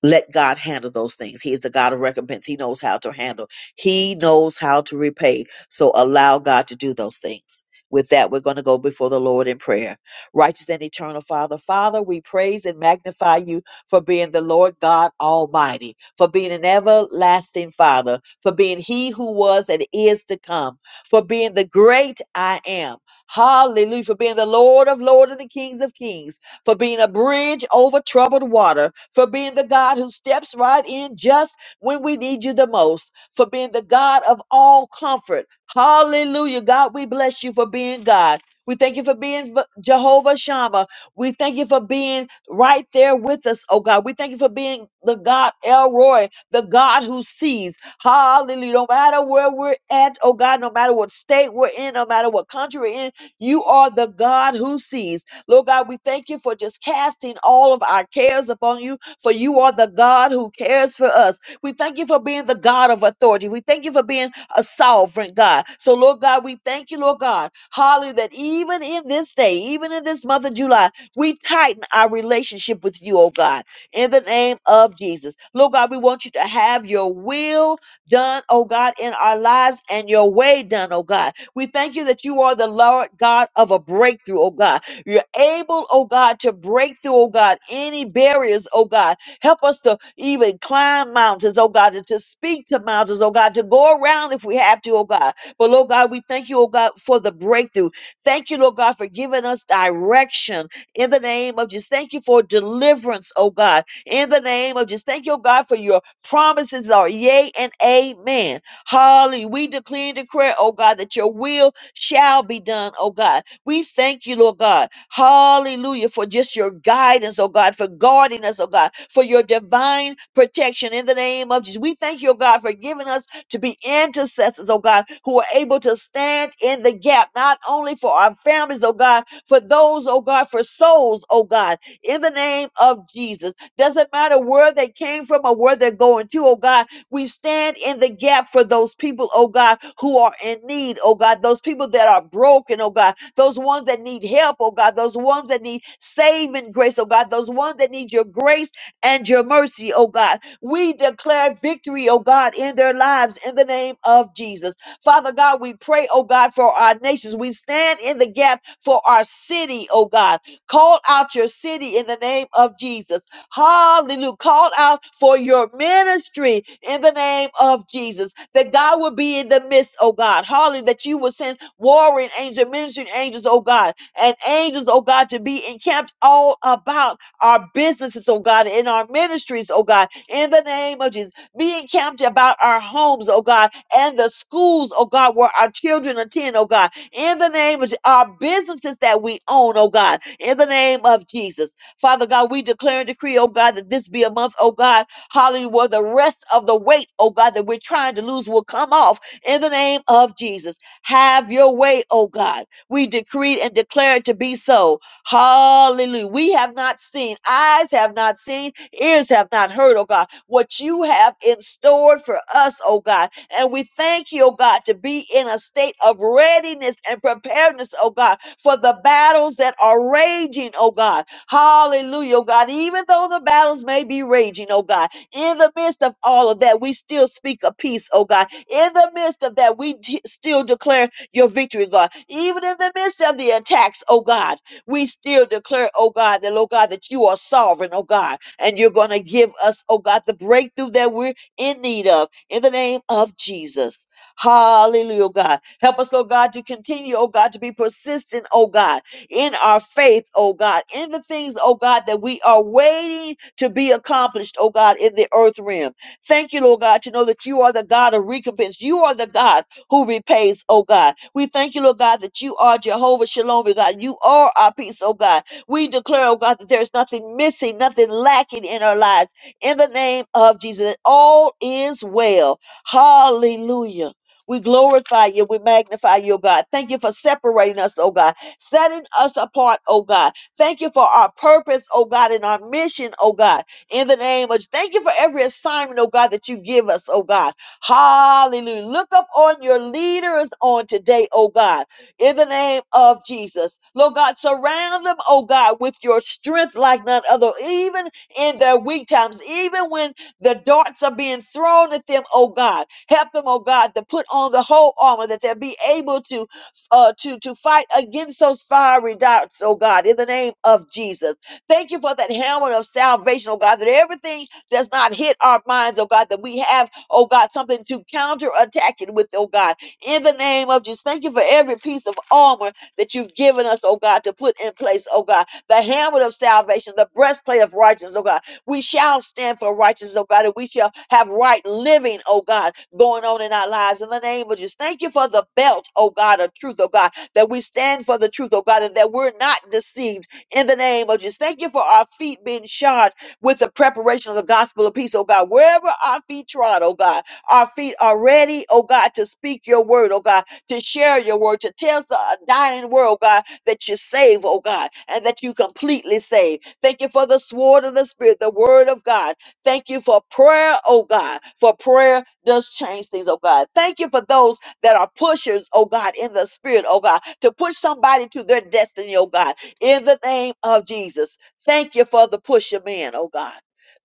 Speaker 4: let God handle those things. He is the God of recompense. He knows how to handle. He knows how to repay. So allow God to do those things. With that, we're going to go before the Lord in prayer. Righteous and eternal Father, Father, we praise and magnify you for being the Lord God Almighty, for being an everlasting Father, for being He who was and is to come, for being the great I am. Hallelujah, for being the Lord of Lords and the Kings of Kings for being a bridge over troubled water, for being the God who steps right in just when we need you the most, for being the God of all comfort. Hallelujah. God, we bless you for being God. We thank you for being V- Jehovah Shammah. We thank you for being right there with us, oh God. We thank you for being the God Elroy, the God who sees. Hallelujah. No matter where we're at, oh God, no matter what state we're in, no matter what country we're in, you are the God who sees. Lord God, we thank you for just casting all of our cares upon you, for you are the God who cares for us. We thank you for being the God of authority. We thank you for being a sovereign God. So, Lord God, we thank you, Lord God, hallelujah, that even in this day, even in this month of July, we tighten our relationship with you, oh God, in the name of Jesus. Lord God, we want you to have your will done, oh God, in our lives and your way done, oh God. We thank you that you are the Lord God of a breakthrough, oh God. You're able, oh God, to break through, oh God, any barriers, oh God. Help us to even climb mountains, oh God, and to speak to mountains, oh God, to go around if we have to, oh God. But, Lord God, we thank you, oh God, for the breakthrough. Thank you, Lord God, for giving us direction in the name of Jesus. Thank you for deliverance, oh God, in the name of Jesus. Thank you, oh God, for your promises, Lord. Yea and amen. Hallelujah. We declare and declare, oh God, that your will shall be done, oh God. We thank you, Lord God. Hallelujah, for just your guidance, oh God, for guarding us, oh God, for your divine protection in the name of Jesus. We thank you, oh God, for giving us to be intercessors, oh God, who are able to stand in the gap, not only for our families, oh God, for those, oh God, for souls, oh God, in the name of Jesus. Doesn't matter where they came from or where they're going to, oh God. We stand in the gap for those people, oh God, who are in need, oh God, those people that are broken, oh God, those ones that need help, oh God, those ones that need saving grace, oh God, those ones that need your grace and your mercy, oh God. We declare victory, oh God, in their lives in the name of Jesus. Father God, we pray, oh God, for our nations. We stand in the gap for our city, oh God. Call out your city in the name of Jesus. Hallelujah. Called out for your ministry in the name of Jesus. That God will be in the midst, oh God. Hallelujah. That you will send warring angels, ministering angels, oh God. And angels, oh God, to be encamped all about our businesses, oh God, in our ministries, oh God, in the name of Jesus. Be encamped about our homes, oh God, and the schools, oh God, where our children attend, oh God, in the name of Je- our businesses that we own, oh God, in the name of Jesus. Father God, we declare and decree, oh God, that this be a month, oh God, hallelujah, where the rest of the weight, oh God, that we're trying to lose will come off in the name of Jesus. Have your way, oh God. We decree and declare it to be so. Hallelujah. We have not seen, eyes have not seen, ears have not heard, oh God, what you have in store for us, oh God. And we thank you, oh God, to be in a state of readiness and preparedness, oh God, for the battles that are raging, oh God. Hallelujah, oh God. Even though the battles may be raging, oh God, in the midst of all of that, we still speak of peace, oh God. In the midst of that, we de- still declare your victory, God. Even in the midst of the attacks, oh God, we still declare, oh God, that, oh God, that you are sovereign, oh God, and you're going to give us, oh God, the breakthrough that we're in need of in the name of Jesus. Hallelujah, oh God. Help us, oh God, to continue, oh God, to be persistent, oh God in our faith, oh God, in the things, oh God, that we are waiting to be accomplished, oh God, in the earth realm. Thank you, Lord God, to know that you are the God of recompense. You are the God who repays, oh God. We thank you, Lord God, that you are Jehovah Shalom, oh God. You are our peace, oh God. We declare, oh God, that there is nothing missing, nothing lacking in our lives. In the name of Jesus, that all is well. Hallelujah. We glorify you. We magnify you, oh God. Thank you for separating us, oh God setting us apart, oh God. Thank you for our purpose, oh God, and our mission, oh God. In the name of, thank you for every assignment, oh God, that you give us, oh God. Hallelujah. Look up on your leaders on today, oh God, in the name of Jesus. Lord God, surround them, oh God, with your strength like none other, even in their weak times, even when the darts are being thrown at them, oh God. Help them, oh God, to put on the whole armor that they'll be able to uh, to, to fight against those fiery darts, oh God, in the name of Jesus. Thank you for that helmet of salvation, oh God, that everything does not hit our minds, oh God, that we have, oh God, something to counterattack it with, oh God, in the name of Jesus. Thank you for every piece of armor that you've given us, oh God, to put in place, oh God, the helmet of salvation, the breastplate of righteousness, oh God, we shall stand for righteousness, oh God, and we shall have right living, oh God, going on in our lives in the name of Jesus. Thank you for the belt, oh God, of truth, oh God, that we stand for the truth, oh God, and that we're not deceived in the name of Jesus. Thank you for our feet being shod with the preparation of the gospel of peace, oh God. Wherever our feet trod, oh God, our feet are ready, oh God, to speak your word, oh God, to share your word, to tell the dying world, oh God, that you save, oh God, and that you completely save. Thank you for the sword of the Spirit, the word of God. Thank you for prayer, oh God, for prayer does change things, oh God. Thank you for those that are pushers, oh God, in the Spirit, oh God, to push somebody to their destiny, oh God, in the name of Jesus. Thank you for the pusher man, oh God.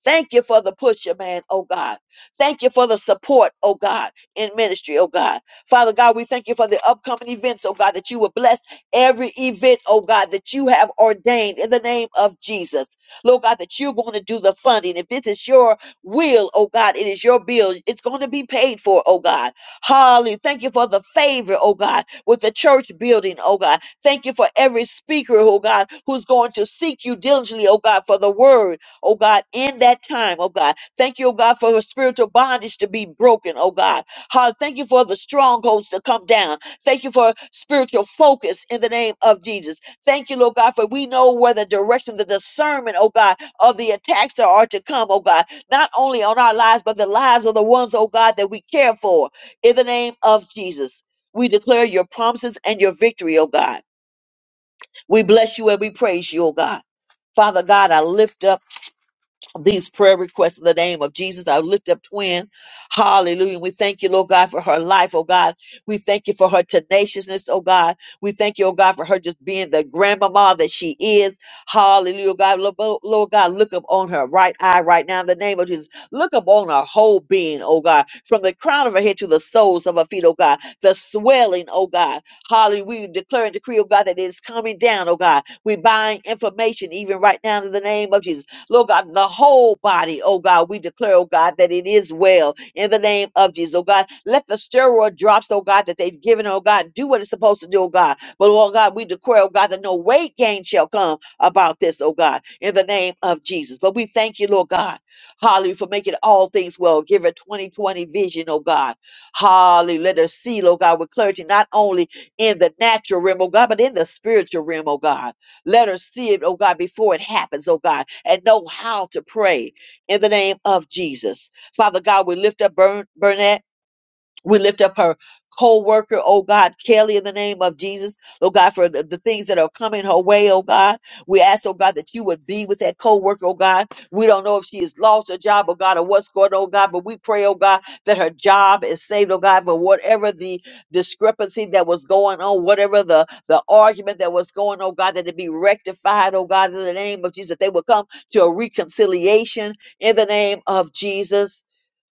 Speaker 4: Thank you for the pusher man, oh God. Thank you for the support, oh God, in ministry, oh God. Father God, we thank you for the upcoming events, oh God, that you will bless every event, oh God, that you have ordained in the name of Jesus. Lord God, that you're going to do the funding. If this is your will, oh God, it is your bill. It's going to be paid for, oh God. Hallelujah. Thank you for the favor, oh God, with the church building, oh God. Thank you for every speaker, oh God, who's going to seek you diligently, oh God, for the word, oh God, in that time, oh God. Thank you, oh God, for the spiritual bondage to be broken, oh God. Hallelujah. Thank you for the strongholds to come down. Thank you for spiritual focus in the name of Jesus. Thank you, Lord God, for we know where the direction, the discernment, oh God, of the attacks that are to come, oh God, not only on our lives, but the lives of the ones, oh God, that we care for in the name of Jesus. We declare your promises and your victory, oh God. We bless you and we praise you, oh God. Father God, I lift up these prayer requests in the name of Jesus. I lift up twin. Hallelujah. We thank you, Lord God, for her life, oh God. We thank you for her tenaciousness, oh God. We thank you, oh God, for her just being the grandmama that she is. Hallelujah, oh God. Lord Lord- Lord God, look up on her right eye right now in the name of Jesus. Look up on her whole being, oh God, from the crown of her head to the soles of her feet, oh God. The swelling, oh God. Hallelujah. We declare and decree, oh God, that it is coming down, oh God. We bind information even right now in the name of Jesus Lord God, the whole body, oh God, we declare, oh God, that it is well in the name of Jesus, oh God. Let the steroid drops, oh God, that they've given, oh God, do what it's supposed to do, oh God. But Lord God, we declare, oh God, that no weight gain shall come about this, oh God, in the name of Jesus. But we thank you, Lord God, hallelujah, for making all things well. Give her 2020 vision, oh God. Hallelujah. Let her see, Lord God, with clarity, not only in the natural realm, oh God, but in the spiritual realm, oh God. Let her see it, oh God, before it happens, oh God, and know how to pray in the name of Jesus. Father God, we lift up Bern- Bernadette. We lift up her co-worker, oh God, Kelly, in the name of Jesus, oh God, for the, the things that are coming her way, oh God. We ask, oh God, that you would be with that co-worker, oh God. We don't know if she has lost her job, oh God, or what's going on, oh God, but we pray, oh God, that her job is saved, oh God, but whatever the discrepancy that was going on, whatever the, the argument that was going on, oh God, that it be rectified, oh God, in the name of Jesus, that they will come to a reconciliation in the name of Jesus.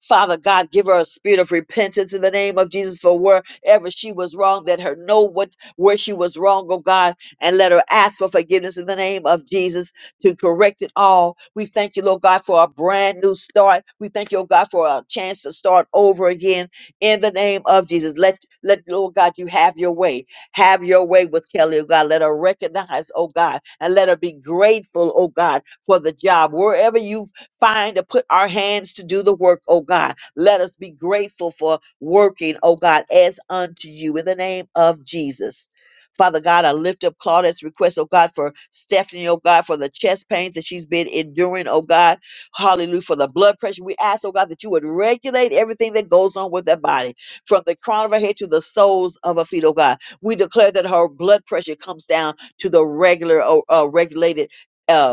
Speaker 4: Father God, give her a spirit of repentance in the name of Jesus for wherever she was wrong. Let her know what where she was wrong, oh God, and let her ask for forgiveness in the name of Jesus to correct it all. We thank you, Lord God, for a brand new start. We thank you, oh God, for a chance to start over again in the name of Jesus. Let let Lord God, you have your way. Have your way with Kelly, oh God. Let her recognize, oh God, and let her be grateful, oh God, for the job. Wherever you find to put our hands to do the work, oh God. Let us be grateful for working, oh God, as unto you in the name of Jesus. Father God, I lift up Claudette's request, oh God, for Stephanie, oh God, for the chest pains that she's been enduring, oh God. Hallelujah. For the blood pressure. We ask, oh God, that you would regulate everything that goes on with that body, from the crown of her head to the soles of her feet, oh God. We declare that her blood pressure comes down to the regular, oh, uh, regulated. uh,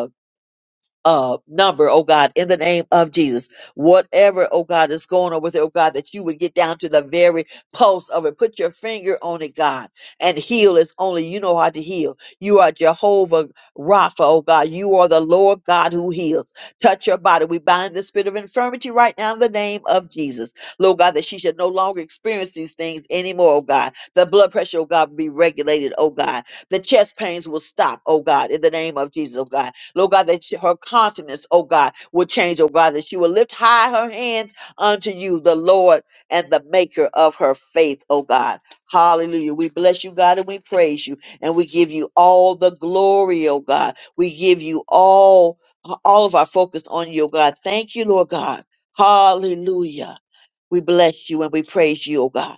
Speaker 4: uh number, oh God, in the name of Jesus. Whatever, oh God, is going on with it, oh God, that you would get down to the very pulse of it. Put your finger on it, God, and heal as only you know how to heal. You are Jehovah Rapha, oh God. You are the Lord God who heals. Touch your body. We bind the spirit of infirmity right now in the name of Jesus. Lord God, that she should no longer experience these things anymore, oh God. The blood pressure, oh God, will be regulated, oh God. The chest pains will stop, oh God, in the name of Jesus, oh God Lord God, that she- her countenance, oh God, will change, oh God, that she will lift high her hands unto you, the Lord and the maker of her faith, oh God. Hallelujah. We bless you, God, and we praise you, and we give you all the glory, oh God. We give you all, all of our focus on you, oh God. Thank you, Lord God. Hallelujah. We bless you and we praise you, oh God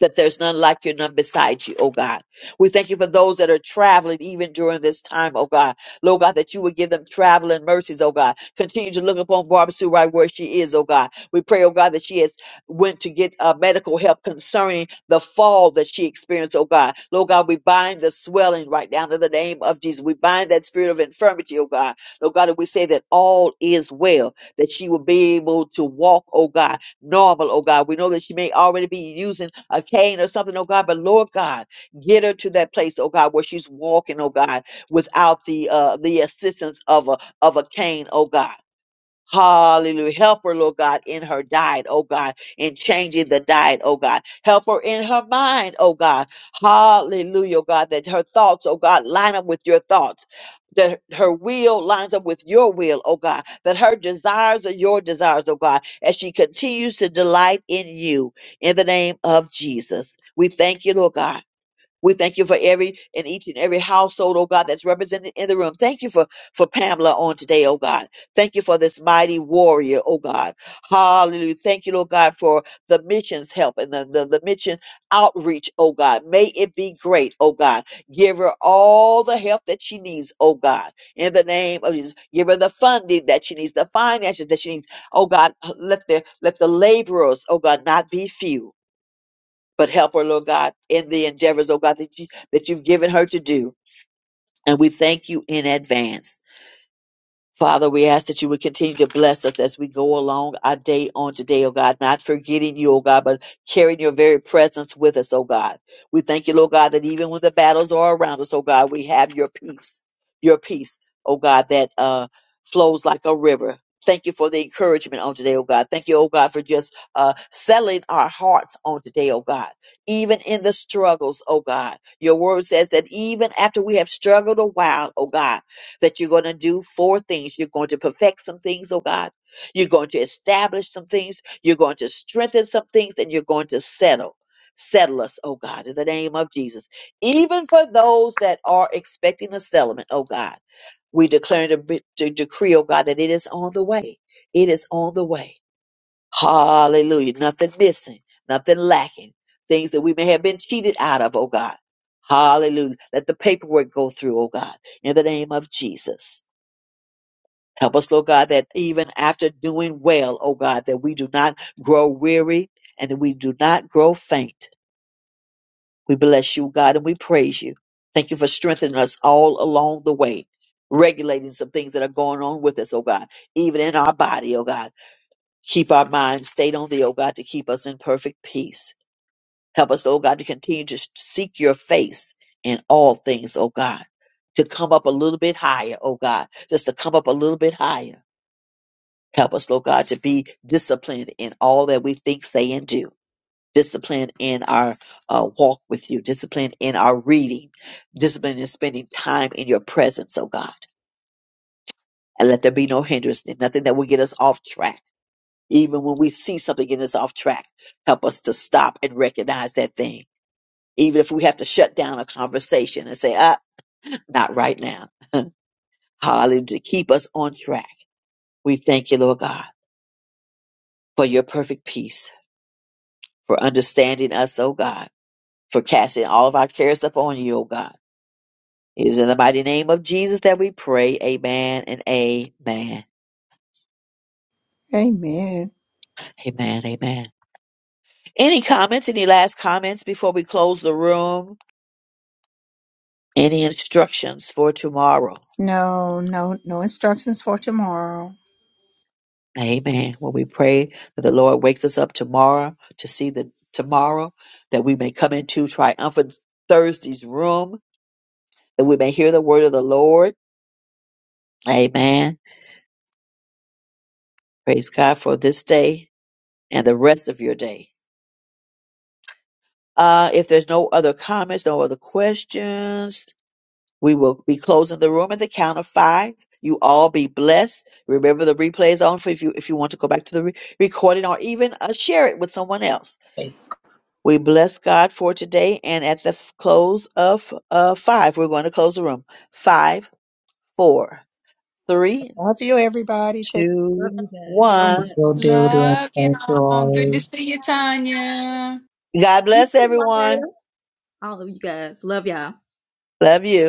Speaker 4: that there's none like you, none beside you, oh God. We thank you for those that are traveling even during this time, oh God. Lord God, that you would give them traveling mercies, oh God. Continue to look upon Barbara Sue right where she is, oh God. We pray, oh God, that she has went to get uh, medical help concerning the fall that she experienced, oh God. Lord God, we bind the swelling right now in the name of Jesus. We bind that spirit of infirmity, oh God. Lord God, and we say that all is well, that she will be able to walk, oh God normal, oh God. We know that she may already be using a cane or something, oh God, but Lord God, get her to that place, oh God, where she's walking, oh God, without the uh, the assistance of a of a cane, oh God. Hallelujah. Help her, Lord God, in her diet, oh God, in changing the diet, oh God. Help her in her mind, oh God. Hallelujah, oh God, that her thoughts, oh God, line up with your thoughts. That her will lines up with your will, oh God. That her desires are your desires, oh God, as she continues to delight in you in the name of Jesus. We thank you, Lord God. We thank you for every and each and every household, oh God, that's represented in the room. Thank you for, for Pamela on today, oh God. Thank you for this mighty warrior, oh God. Hallelujah. Thank you, Lord God, for the missions help and the, the, the mission outreach, oh God. May it be great, oh God. Give her all the help that she needs, oh God. In the name of Jesus. Give her the funding that she needs, the finances that she needs. Oh God, let the let the laborers, oh God, not be few but help her, Lord God, in the endeavors, oh God, that you that you've given her to do. And we thank you in advance. Father, we ask that you would continue to bless us as we go along our day on today, oh God, not forgetting you, oh God, but carrying your very presence with us, oh God. We thank you, Lord God, that even when the battles are around us, oh God, we have your peace, your peace, oh God, that uh, flows like a river. Thank you for the encouragement on today, oh God. Thank you, oh God, for just uh, settling our hearts on today, oh God. Even in the struggles, oh God. Your word says that even after we have struggled a while, oh God, that you're going to do four things. You're going to perfect some things, oh God. You're going to establish some things. You're going to strengthen some things, and you're going to settle. Settle us, oh God, in the name of Jesus. Even for those that are expecting a settlement, oh God. We declare to, to decree, oh God, that it is on the way. It is on the way. Hallelujah. Nothing missing, nothing lacking. Things that we may have been cheated out of, oh God. Hallelujah. Let the paperwork go through, oh God, in the name of Jesus. Help us, Lord God, that even after doing well, oh God, that we do not grow weary and that we do not grow faint. We bless you, God, and we praise you. Thank you for strengthening us all along the way, regulating some things that are going on with us, oh God, even in our body, oh God. Keep our minds stayed on thee, O God, to keep us in perfect peace. Help us, O God, to continue to seek your face in all things, O God, to come up a little bit higher, O God, just to come up a little bit higher. Help us, O God, to be disciplined in all that we think, say, and do. Disciplined in our uh, walk with you, disciplined in our reading, disciplined in spending time in your presence, O God. And let there be no hindrance, nothing that will get us off track Even when we see something getting us off track, help us to stop and recognize that thing. Even if we have to shut down a conversation and say, ah, not right now. Hallelujah. To keep us on track. We thank you, Lord God, for your perfect peace, for understanding us, oh God, for casting all of our cares upon you, oh God. It is in the mighty name of Jesus that we pray. Amen and amen.
Speaker 2: Amen.
Speaker 4: Amen. Amen. Any comments? Any last comments before we close the room? Any instructions for tomorrow?
Speaker 2: No, no, no instructions for tomorrow.
Speaker 4: Amen. Well, we pray that the Lord wakes us up tomorrow to see the tomorrow that we may come into triumphant Thursday's room, that we may hear the word of the Lord. Amen. Praise God for this day and the rest of your day. Uh, if there's no other comments, no other questions, we will be closing the room at the count of five. You all be blessed. Remember the replay is on for if you if you want to go back to the re- recording or even uh, share it with someone else.
Speaker 14: Thank
Speaker 4: We bless God for today. And at the f- close of uh, five, we're going to close the room. Five, four, three,
Speaker 2: Love you, everybody. Take
Speaker 10: Love
Speaker 4: two,
Speaker 10: you guys so
Speaker 4: one.
Speaker 10: much.
Speaker 14: you to everyone.
Speaker 1: Love
Speaker 14: Thank you
Speaker 1: y'all. Good to
Speaker 14: all.
Speaker 1: see you, Tanya.
Speaker 4: God
Speaker 10: You
Speaker 4: bless
Speaker 10: too, my
Speaker 4: everyone.
Speaker 10: All of you guys. Love y'all.
Speaker 4: Love you.